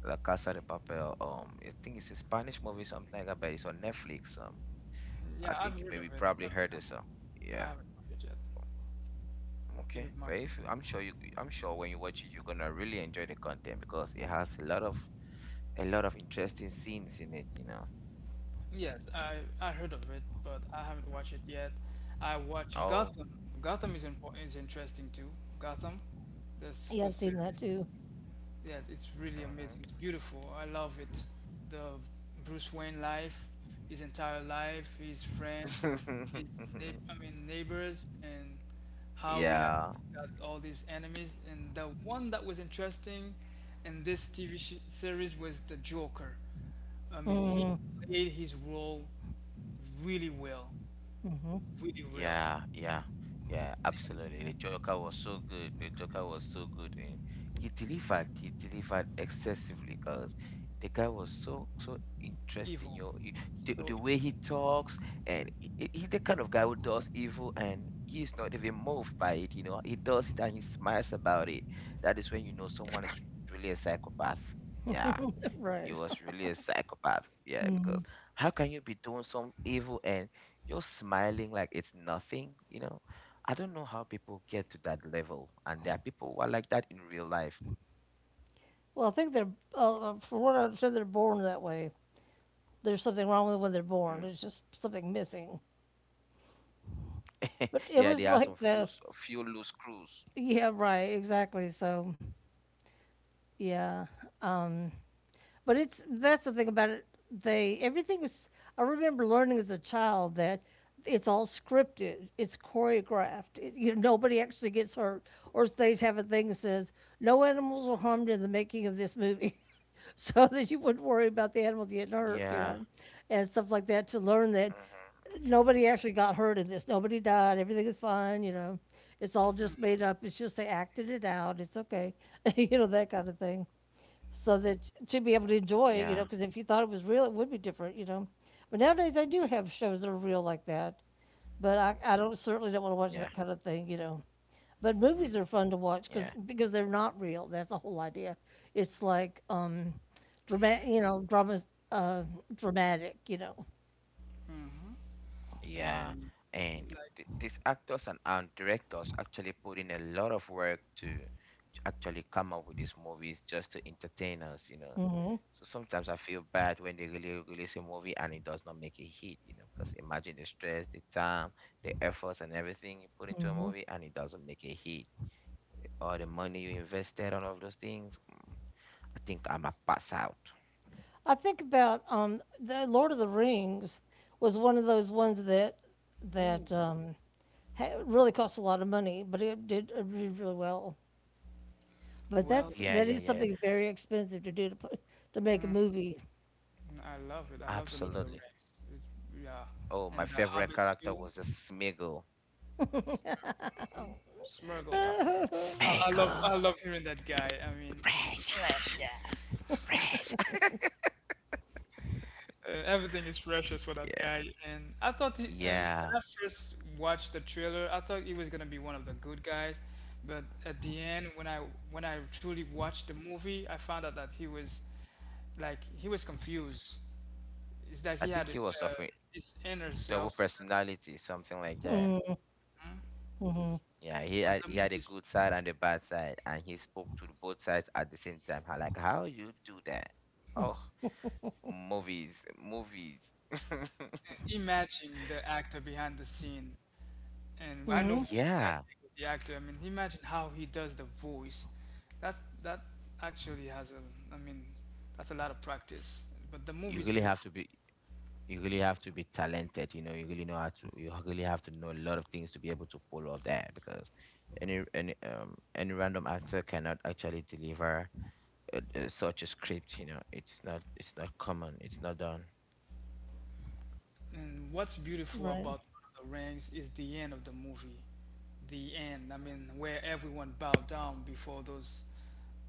La Casa de Papel. I think it's a Spanish movie, something like that, but it's on Netflix. I
Yeah, I've
think you
heard of
maybe
it,
probably
but
heard
no,
it. So
I
yeah,
haven't watched it yet. It
okay.
would
But
mind me.
if you- I'm sure you, I'm sure when you watch it, you're gonna really enjoy the content because it has a lot of interesting scenes in it. You know.
Yes, I heard of it, but I haven't watched it yet. I watched
Oh.
Gotham. Gotham is important, is interesting too. Gotham,
Yeah,
the
I've seen that
series.
too.
Yes, it's really amazing. It's beautiful. I love it. The Bruce Wayne life, his entire life, his friends,
Mm-hmm.
I mean neighbors, and
[laughs]
how he
Yeah.
actually got all these enemies. And the one that was interesting in this TV sh series was the Joker. I mean, he played his role really well, really real
Yeah, yeah, yeah,
and
absolutely. The Joker was so good. The Joker was so good. And he delivered excessively, because the guy was so, so interesting.
evil,
The,
so
the
evil.
way he talks, and he's the kind of guy who does evil and he's not even moved by it. You know, he does it and he smiles about it. That is when you know someone is really a psychopath. Yeah,
[laughs]
he was
Right.
really a psychopath. Yeah, because how can you be doing some evil and you're smiling like it's nothing, you know. I don't know how people get to that level, and there are people who are like that in real life.
Well, I think they're, from what I said, they're born that way. There's something wrong with when they're born.
Mm.
There's just something missing.
[laughs]
But it
Yeah,
was
they are some
like
few
the,
s- few loose screws.
yeah, right, exactly. So, yeah. um, but it's that's the thing about it. They everything is. I remember learning as a child that it's all scripted. It's choreographed. It, you know, nobody actually gets hurt, or they have a thing that says no animals were harmed in the making of this movie. [laughs] so that you wouldn't worry about the animals getting
Yeah.
hurt, you know, and stuff like that to learn
Hmm.
that
Hmm.
nobody actually got hurt in this. Nobody died. Everything is fine, you know. It's all just made up. It's just they acted it out. It's okay, [laughs] you know, that kind of thing so that to be able to enjoy it,
Yeah.
you know, because if you thought it was real, it would be different, you know. But nowadays, I do have shows that are real like that, but I don't certainly don't want to
Yeah.
watch that kind of thing, you know. But
Mm.
movies are fun to watch
Yeah,
because they're not real. That's the whole idea. It's like dramatic, you know, dramas, uh, dramatic, you know.
Yeah,
And
and
like,
these actors and directors actually put in a lot of work to actually come up with these movies just to entertain us, you know. So sometimes I feel bad when they really release a movie and it does not make a hit, you know, because imagine the stress, the time, the efforts, and everything you put into a movie and it doesn't make a hit. All the money you invested on all of those things. Mm, I think I'm a pass out.
I think about the Lord of the Rings was one of those ones that
ooh,
that um, ha- really cost a lot of money, but it did really well. But
well,
that's
Yeah, yeah,
that is
yeah, yeah.
something very expensive to do to put, to make a movie,
I love it. I love the Lord of the
Absolutely.
Rings. It's, yeah,
Oh, my
and the
favorite
Hobbits
character
too.
was the Smeagol. You
Smeargle.
know, Smeagol,
I love hearing that guy. I mean,
precious, precious. [laughs]
uh, everything is precious for that
Yeah,
guy, and I thought he, when
yeah.
I first watched the trailer, I thought he was gonna be one of the good guys, but at the end, when I truly watched the movie, I found out that he was like he was confused. It's like
I
he
think
had
he was suffering
his inner
double
self,
personality, something like that. Yeah, he
but
had,
the
he had a good
movie's
side and a bad side, and he spoke to the both sides at the same time. I like how you do that. Oh, movies, movies. [laughs]
imagine the actor behind the scene. And I know who
Yeah,
exactly is the actor. I mean, imagine how he does the voice. That's that actually has a. I mean, that's a lot of practice. But the movie
you
is
really have
beautiful.
to be you really have to be talented. You know, you really have to know a lot of things to be able to pull off that, because any random actor cannot actually deliver such a script. You know, it's not, it's not common, it's not done.
And what's beautiful
right?
about Lord of the Rings is the end of the movie. The end. I mean, where everyone bowed down before those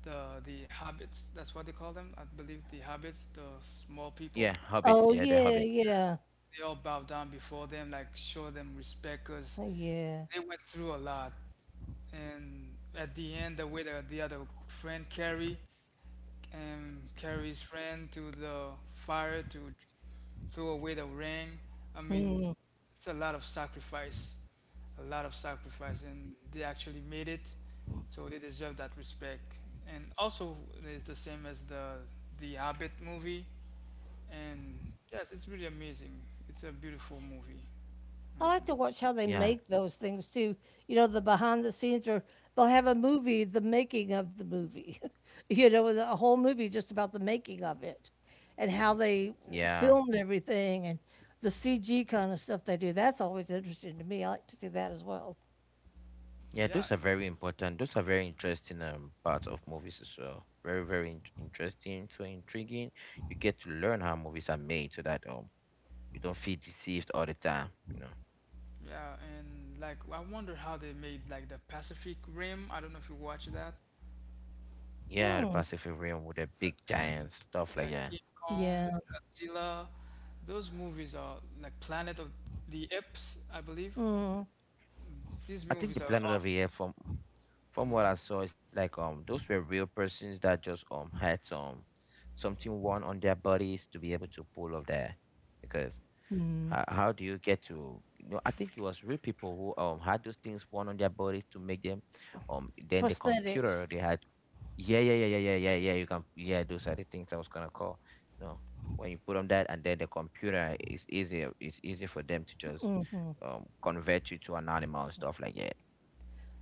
the hobbits. That's what they call them. I believe the hobbits, the
Yeah,
small people.
hobbits, yeah, the
Oh
hobbits.
yeah, yeah,
They all bowed down before them, like show them respect, cause
yeah.
they went through a lot. And at the end the way that the other friend carry carries friend to the fire to throw away the ring. I mean, it's a lot of sacrifice, a lot of sacrifice, and they actually made it, so they deserve that respect. And also it's the same as the hobbit movie. And yes, it's really amazing. It's a beautiful movie.
I
hmm
like to watch how they
Yeah,
make those things too. You know, the behind the scenes, or they'll have a movie, the making of the movie. [laughs] You know, a whole movie just about the making of it, and how they
yeah,
filmed everything, and the CG kind of stuff they do. That's always interesting to me. I like to see that as well.
yeah,
yeah
those are very important, those are very interesting, parts of movies as well. Very, very interesting, so intriguing. You get to learn how movies are made so that, you don't feel deceived all the time, you know.
Yeah, and like I wonder how they made like the Pacific Rim. I don't know if you watch that.
Yeah, the Pacific Rim with the big
And
giants, stuff
yeah,
like that.
King Kong,
Yeah,
Godzilla. Those movies are like Planet of the Apes, I believe. These
I think
movies
the
are
planet over
awesome.
here, from what I saw, it's like, those were real persons that just, had some something worn on their bodies to be able to pull off that. Because how do you get to, you know? I think it was real people who, had those things worn on their bodies to make them, then the
prosthetics.
computer they had, yeah, yeah, yeah, yeah, yeah, yeah, yeah, you can yeah, those are the things I was gonna call. No. When you put on that, and then the computer, it's easy for them to just, convert you to an animal and stuff like that.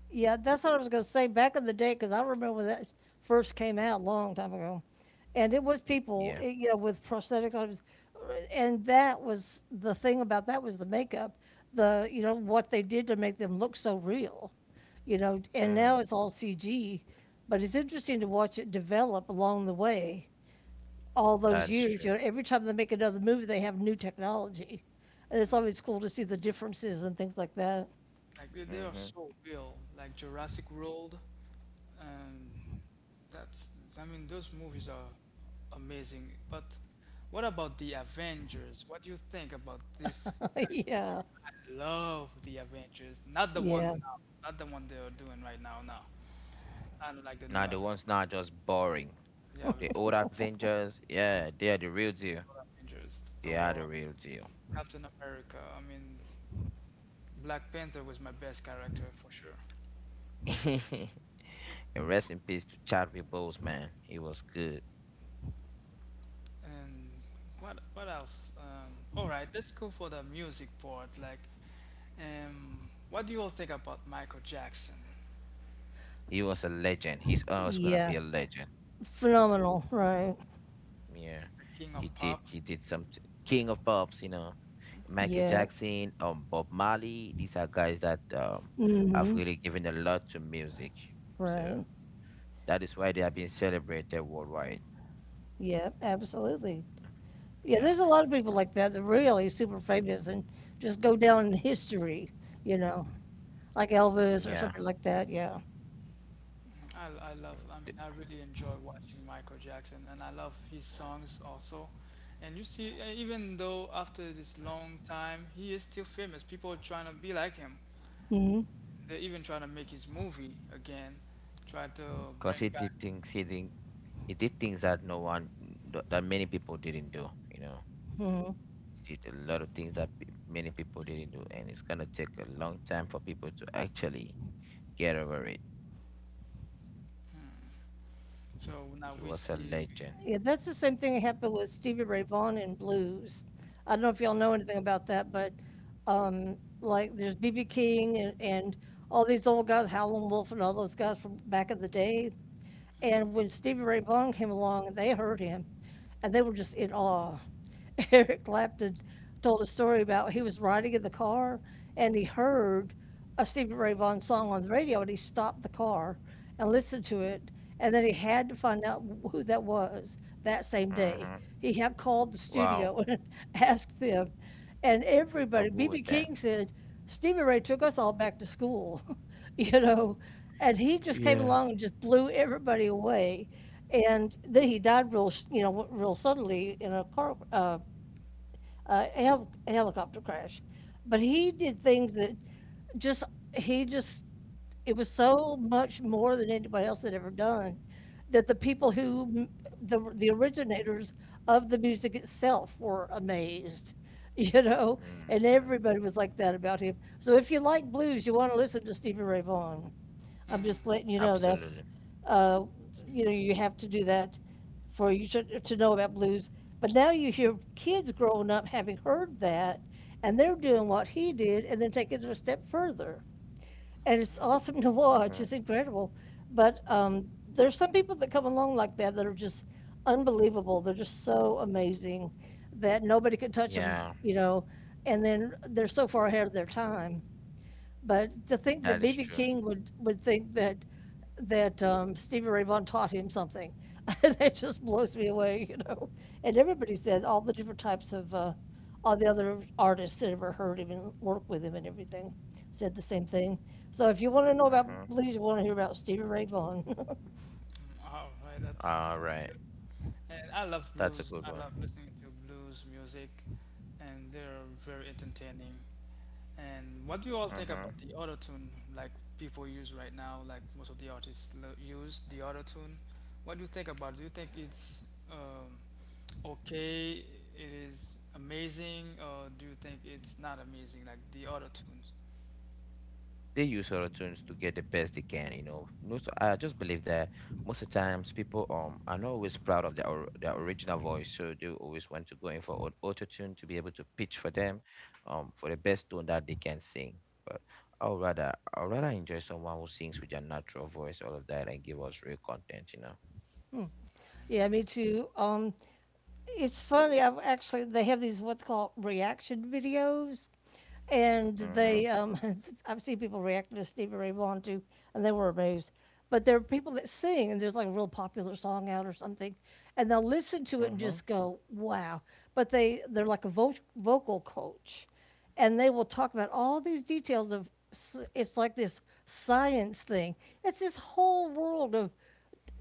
Yeah, that's what I was going to say. Back in the day, because I remember when that first came out, a long time ago, and it was people,
Yeah,
you know, with prosthetics on, and that was the thing about that was the makeup, the, you know, what they did to make them look so real, you know. And now
Mm,
it's all CG, but it's interesting to watch it develop along the way. All those
that is
years, you
true.
know, every time they make another movie, they have new technology, and it's
Mm,
always cool to see the differences and things like that.
like they are
Mm-hmm.
so real. Like Jurassic World. Um, That's, I mean, those movies are amazing. But what about the Avengers? What do you think about this
[laughs]
kind of movie?
Yeah,
I love the Avengers. Not the
yeah,
ones now, not the one they are doing right now. No, I don't like the new
Now the ones now
Avengers.
are just boring.
Yeah, with
The
Thor,
old Avengers,
mm,
yeah, they are the real deal. They are the
Thor,
real deal.
Captain America. I mean, Black Panther was my best character for sure.
[laughs] And rest in peace to Chadwick Boseman. He was good.
And what else? All right, let's go for the music part. Like, what do you all think about Michael Jackson,
He was a legend. He's always gonna
yeah.
be a legend.
Phenomenal, right.
Yeah,
the king
he
of
did.
pop?
He did some King of Pops. You know, Michael
Yep.
Jackson, Bob Marley. These are guys that, have
Mhm.
really given a lot to music. So
Right.
that is why they are being celebrated worldwide.
Yeah, absolutely. Yeah,
Yeah,
there's a lot of
you
people like that that really super famous and just go down in history, you know, like
know,
Elvis or
yeah,
something like that, yeah.
I mean, I really enjoy watching Michael Jackson and I love his songs also. And you see, even though after this long time, he is still famous. People are trying to be like him. They're even trying to make his movie again, try to
because
bring
he
back.
did things he did he did things that no one th- that many people didn't do. You know, he did a lot of things that many people didn't do, and it's gonna take a long time for people to actually get over it.
So now
He
we
was a
see, we,
legend.
Yeah, that's the same thing that happened with Stevie Ray Vaughan in blues. I don't know if y'all know anything about that, but like there's BB King and, all these old guys, Howlin' Wolf and all those guys from back in the day. And when Stevie Ray Vaughan came along, they heard him, and they were just in awe. [laughs] Eric Clapton told a story about he was riding in the car and he heard a Stevie Ray Vaughan song on the radio, and he stopped the car and listened to it. And then he had to find out who that was that same day.
Mm-hmm.
He had called the
Wow.
studio and [laughs] asked them. And everybody,
Who
B.B.
was that?
King said, Stevie Ray took us all back to school. [laughs] [laughs] You know. And he just came
Yeah.
along and just blew everybody away. And then he died real, you know, real suddenly in a car. A a helicopter crash. But he did things that just, he just, it was so much more than anybody else had ever done that the people who, the originators of the music itself were amazed, [laughs] you know? And
Mm-hmm.
everybody was like that about him. So if you like blues, you want to listen to Stevie Ray Vaughan. I'm
hmm.
just letting you know that's,
Absolutely.
uh, you know, you have to do that for you to know about blues. But now you hear kids growing up having heard that, and they're doing what he did, and then taking it a step further. And it's
mm-hmm.
awesome [laughs] to watch. It's
Mm-hmm.
incredible. But there's some people that come along like that that are just unbelievable. They're just so amazing that nobody could touch them,
Yeah,
you know. And then they're so far ahead of their time. But to think that
that is
BB
true.
King would think that, that Stevie Ray Vaughan taught him something, [laughs] that just blows me away, you know? And everybody said all the different types of, all the other artists that ever heard him and worked with him and everything said the same thing. So if you want to know about
Mm-hmm.
blues, you want to hear about Stevie Ray Vaughan. [laughs]
All right,
All
that's
right.
good. And I love
That's a
blues.
good
I
one.
love listening to blues music, and they're very entertaining. And what do you all think
Mm-hmm.
about the auto tune like people use right now? Like most of the artists use the auto tune. What do you think about it? Do you think it's okay? It is amazing, or do you think it's not amazing? Like the auto tunes.
They use autotunes to get the best they can, you know. No, so I just believe that most of the times people, are not always proud of their their original voice, so they always want to go in for auto tune to be able to pitch for them, for the best tone that they can sing. But, I would rather, I would rather enjoy someone who sings with their natural voice, all of that, and give us real content, you know.
Yeah, me too. It's funny. I've actually They have these what's called reaction videos, and they
Mhm.
[laughs] I've seen people reacting to Stevie Ray Vaughan too, and they were amazed. But there are people that sing, and there's like a real popular song out or something, and they'll listen to it and just
Mhm.
go, "Wow!" But they're like a vocal coach, and they will talk about all these details of it's like this science thing. It's this whole world of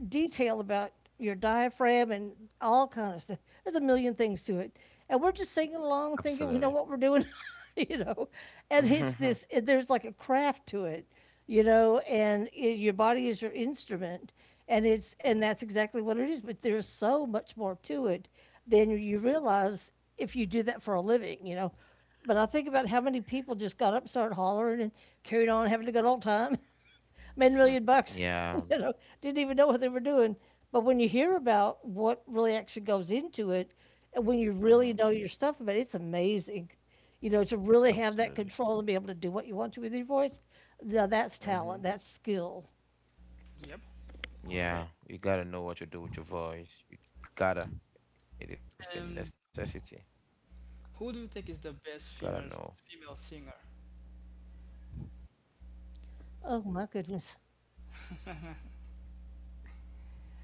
detail about your diaphragm and all kind of stuff. There's a million things to it, and we're just singing along, thinking we know what
Absolutely.
we're doing, [laughs] you know. And it's this.
[laughs]
There's like a craft to it, you know. And I your body is your instrument, and it's and that's exactly what it is. But there's so much more to it than you realize if you do that for a living, you know. But I think about how many people just got up, started hollering, and carried on having a good old time. [laughs] Made 1 million bucks. [laughs] You know,
Yeah.
didn't even know what they were doing. But when you hear about what really actually goes into it, and when you really know your
Mhm.
stuff about it, it's amazing. You know, to really have that control and be able
Absolutely.
to do what you want to with your voice, now that's talent, that's
Mhm.
skill.
Yep, correct.
Yeah, you gotta know what to do with your voice. You gotta. It is a
And
necessity.
who do you think
Gotta
is the
know.
best female singer?
Oh my goodness,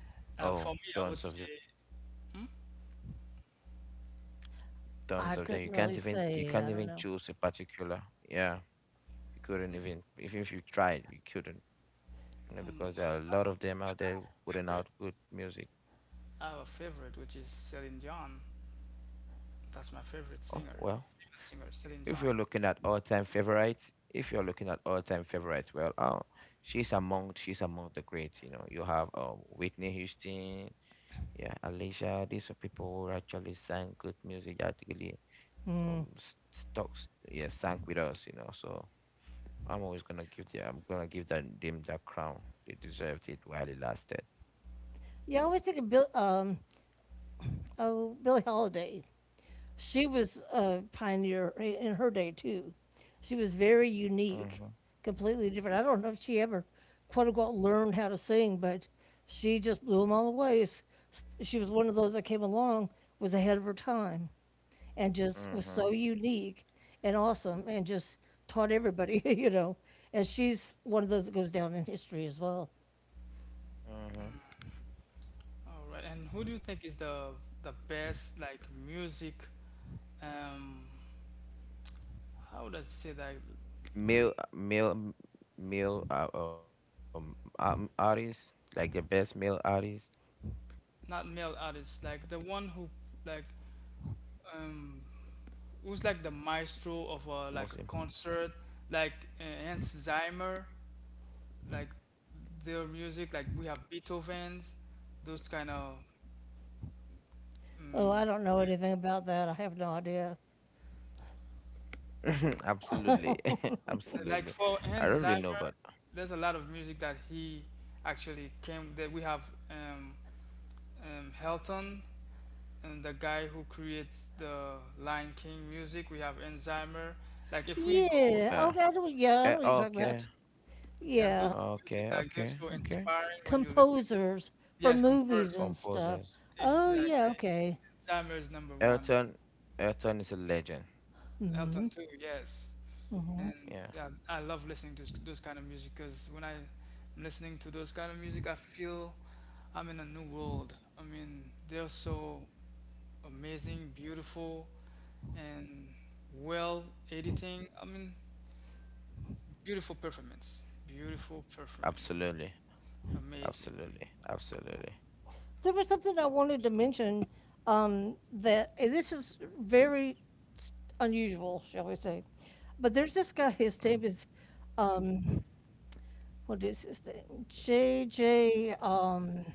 Oh,
For me,
tons of
I would
them.
say
Tons
I
of them. You
couldn't
can't
really
even, you
say.
can't
I don't
even
know.
choose a particular. Yeah. You couldn't even, even if you tried, you couldn't. You know,
um,
because there
well,
are a lot of them out there
our
putting
favorite,
out good music.
our favorite, which is Celine Dion. That's my favorite
Oh
singer,
well.
female singer, Celine
If you're
Dion.
looking at all time favorites, if you're looking at all time favorites, well, oh, she's among, she's among the greats, you know. You have, Whitney Houston, yeah, Alicia, these are people who actually sang good music, actually, stocks, yeah, sang with us, you know. So I'm gonna give them that crown. They deserved it while it lasted.
Yeah, I always think of Billie Holiday. She was a pioneer in her day too. She was very unique,
Mm-hmm.
completely different. I don't know if she ever, quote unquote, learned how to sing, but she just blew them all away. She was one of those that came along, was ahead of her time, and just was so
Mm-hmm.
unique and awesome, and just taught everybody, [laughs] you know. And she's one of those that goes down in history as well.
Mm-hmm.
All right, and who do you think is the best like music? Um, how would I say that? Um,
Male, artist, like the best male artist,
not male artist, like the one who like um, who's like the maestro of a, like a
most
concert, like Hans Zimmer, like their music. Like we have Beethoven's, those kind of
Oh,
mm,
I don't know anything about that. I have no idea.
[laughs]
all right.
absolutely, [laughs]
And like
absolutely.
for Hans
I don't really
Zimmer,
know, but
there's a lot of music that he actually came. That we have Helton and the guy who creates the Lion King music. We have Hans Zimmer. Like if we go,
Yeah.
uh,
Oh, God. Yeah, I know what you're talking
okay,
about.
yeah,
Yeah,
those music
okay,
like they're
okay,
so
okay.
inspiring when you listen.
composers for
Yes, compared
movies
to
and stuff.
Composers.
Oh yeah,
exactly.
okay.
Hans Zimmer is number one.
Elton Elton is a legend.
Elton too, yes. And
Yeah,
yeah, I love listening to those kind of music because when I'm listening to those kind of music, I feel I'm in a new world. I mean, they're so amazing, beautiful, and well editing. I mean, beautiful performance,
absolutely,
amazing.
absolutely, absolutely.
There was something I wanted to
Absolutely.
mention that, and this is very s- unusual, shall we say? But there's this guy. His
Mm.
name is um, what is his name? J J.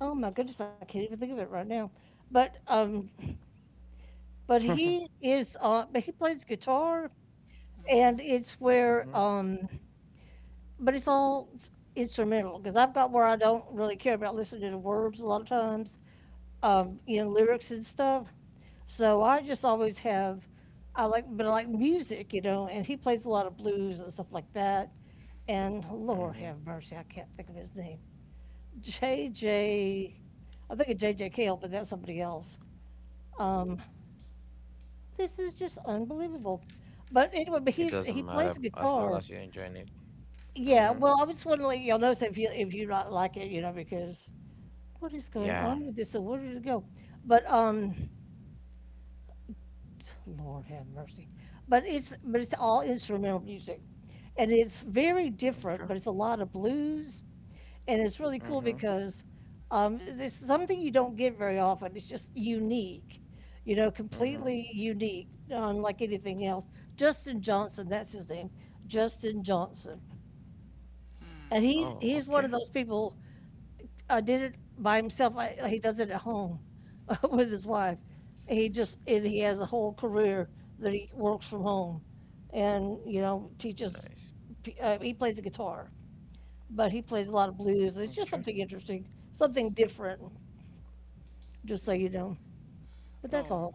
oh my goodness, I can't even think of it right now. But he
[laughs]
is. But he plays guitar, and it's where
Mm-hmm.
but it's all instrumental, because I've got where I don't really care about listening to words a lot of times, you know, lyrics and stuff. So I just always have, but I like music, you know, and he plays a lot of blues and stuff like that. And Lord
Mm-hmm.
have mercy, I can't think of his name. J J, I think it's J J Cale, but that's somebody else. Um, this is just unbelievable. But anyway, but
It
he's, he
doesn't
plays the
matter as
guitar.
long as you're enjoying it.
Yeah,
Mm-hmm.
well, I just want to let y'all know so if you, if you not like it, you know, because what is going on
Yeah.
with this? So where did it go? But Lord have mercy. But it's all instrumental music, and it's very different. But
Okay.
it's a lot of blues, and it's really cool
Mm-hmm.
because it's something you don't get very often. It's just unique, you know,
Mm-hmm.
completely unique, unlike anything else. Justin Johnson, that's his name, Justin Johnson, and he
Oh,
he's one
okay.
of those people, did it by himself. He does it at home [laughs] with his wife. He just and He has a whole career that he works from home, and, you know, teaches.
Nice.
He plays the guitar, but he plays a lot of blues. It's just
Okay.
something interesting, something different. Just so you know, but
Okay.
that's
Oh,
all.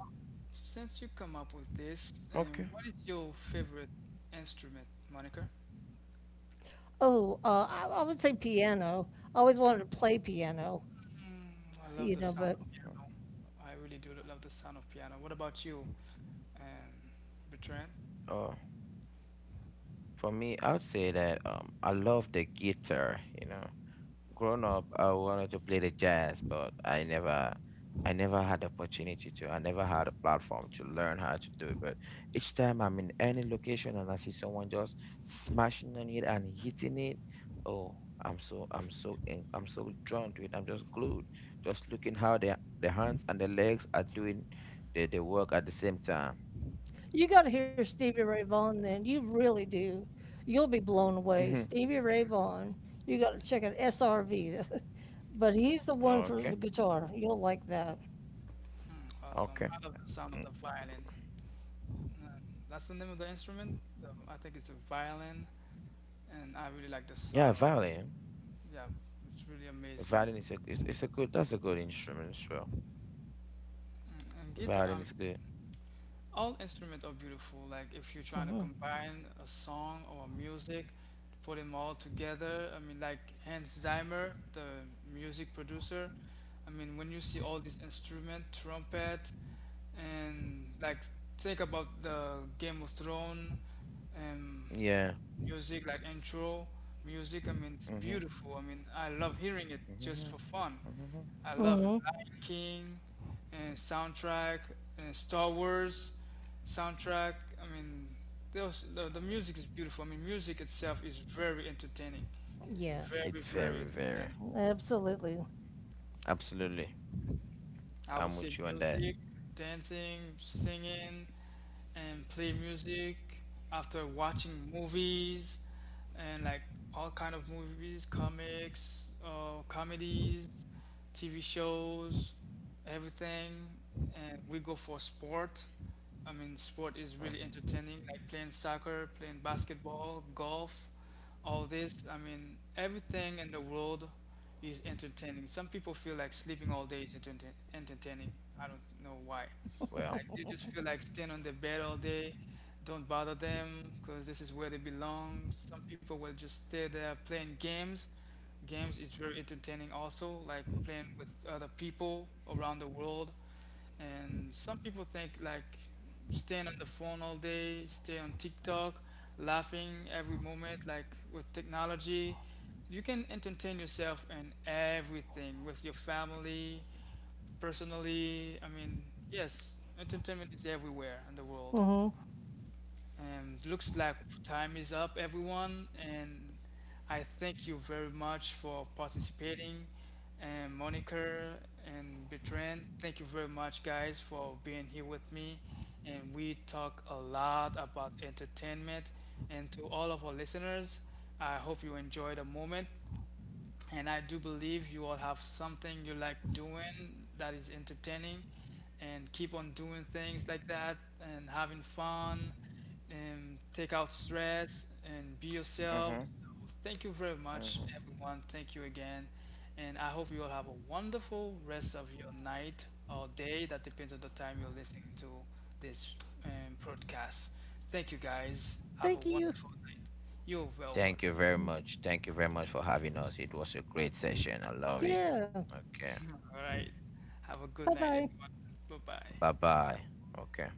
since you come up with this,
Okay.
and what is your favorite instrument, Monica?
I would say piano. I always wanted to play piano,
Mm, I love
you
the
know,
sound
but
of
Hmm.
piano. I really do love the sound of piano. What about you, um, Bertrand?
Oh, for me, I would say that, I love the guitar. You know, grown up, I wanted to play the jazz, but I never had a platform to learn how to do it. But each time I'm in any location and I see someone just smashing on it and hitting it, oh, I'm so drawn to it, I'm just glued, just looking how the hands and the legs are doing the work at the same time.
you got to hear Stevie Ray Vaughan then. You really do. You'll be blown away.
Hmm.
Stevie Ray Vaughan. You got to check out SRV. [laughs] But he's the one for the
Okay.
guitar. You'll like that.
Mm, awesome.
Okay.
I love the sound of
Mm.
the violin. Uh, that's the name of the instrument. The, I think it's a violin, and I really like the
Yeah,
sound of it.
violin.
Yeah, it's really amazing.
Violin is a is, is a good That's a good instrument as well.
Mm, and guitar.
Violin
Um,
is good.
all instruments are beautiful. Like if you're trying to combine a song or a music, put them all together. I mean, like Hans Zimmer, the music producer. I mean, when you see all these instruments, trumpet, and like think about the Game of Thrones. Um,
Yeah.
music like intro music. I mean, it's
Mm-hmm.
beautiful. I mean, I love hearing it just
Mm-hmm.
for fun. I
Mm-hmm.
love it.
Hmm.
Lion King and soundtrack and Star Wars soundtrack. I mean, those the music is beautiful. I mean, music itself is very entertaining,
Yeah,
It's
very
very, very.
entertaining.
absolutely.
Absolutely.
I
I'm
would say
with you on that.
music, dancing, singing, and play music after watching movies and like all kind of movies, comics, comedies, TV shows, everything. And we go for sport. I mean, sport is really
Mm-hmm.
entertaining, like playing soccer, playing basketball, golf all this. I mean, everything in the world is entertaining. Some people feel like sleeping all day is entertaining. I don't know why.
Well,
Like they just feel like staying on the bed all day. Don't bother them because this is where they belong. Some people will just stay there playing games. Games is very entertaining also, like playing with other people around the world. And some people think like staying on the phone all day, stay on TikTok, laughing every moment, like with technology. You can entertain yourself in everything with your family, personally. I mean, yes, entertainment is everywhere in the world.
Hmm.
And looks like time is up, everyone. And I thank you very much for participating. And Monica and Bertrand, thank you very much, guys, for being here with me. And we talk a lot about entertainment. And to all of our listeners, I hope you enjoy the moment. And I do believe you all have something you like doing that is entertaining and keep on doing things like that and having fun and take out stress and be yourself.
mm-hmm.
So thank you very much,
Mm-hmm.
everyone. Thank you again. And I hope you all have a wonderful rest of your night or day. That depends on the time you're listening to this broadcast. Thank you, guys. Have a
Thank you.
wonderful night. You're well
Thank you
welcome.
very much. Thank you very much for having us. It was a great session. I love it.
Yeah.
Okay.
All right. Have a
Bye
good night,
bye.
everyone. Bye
Bye
bye.
bye. Okay.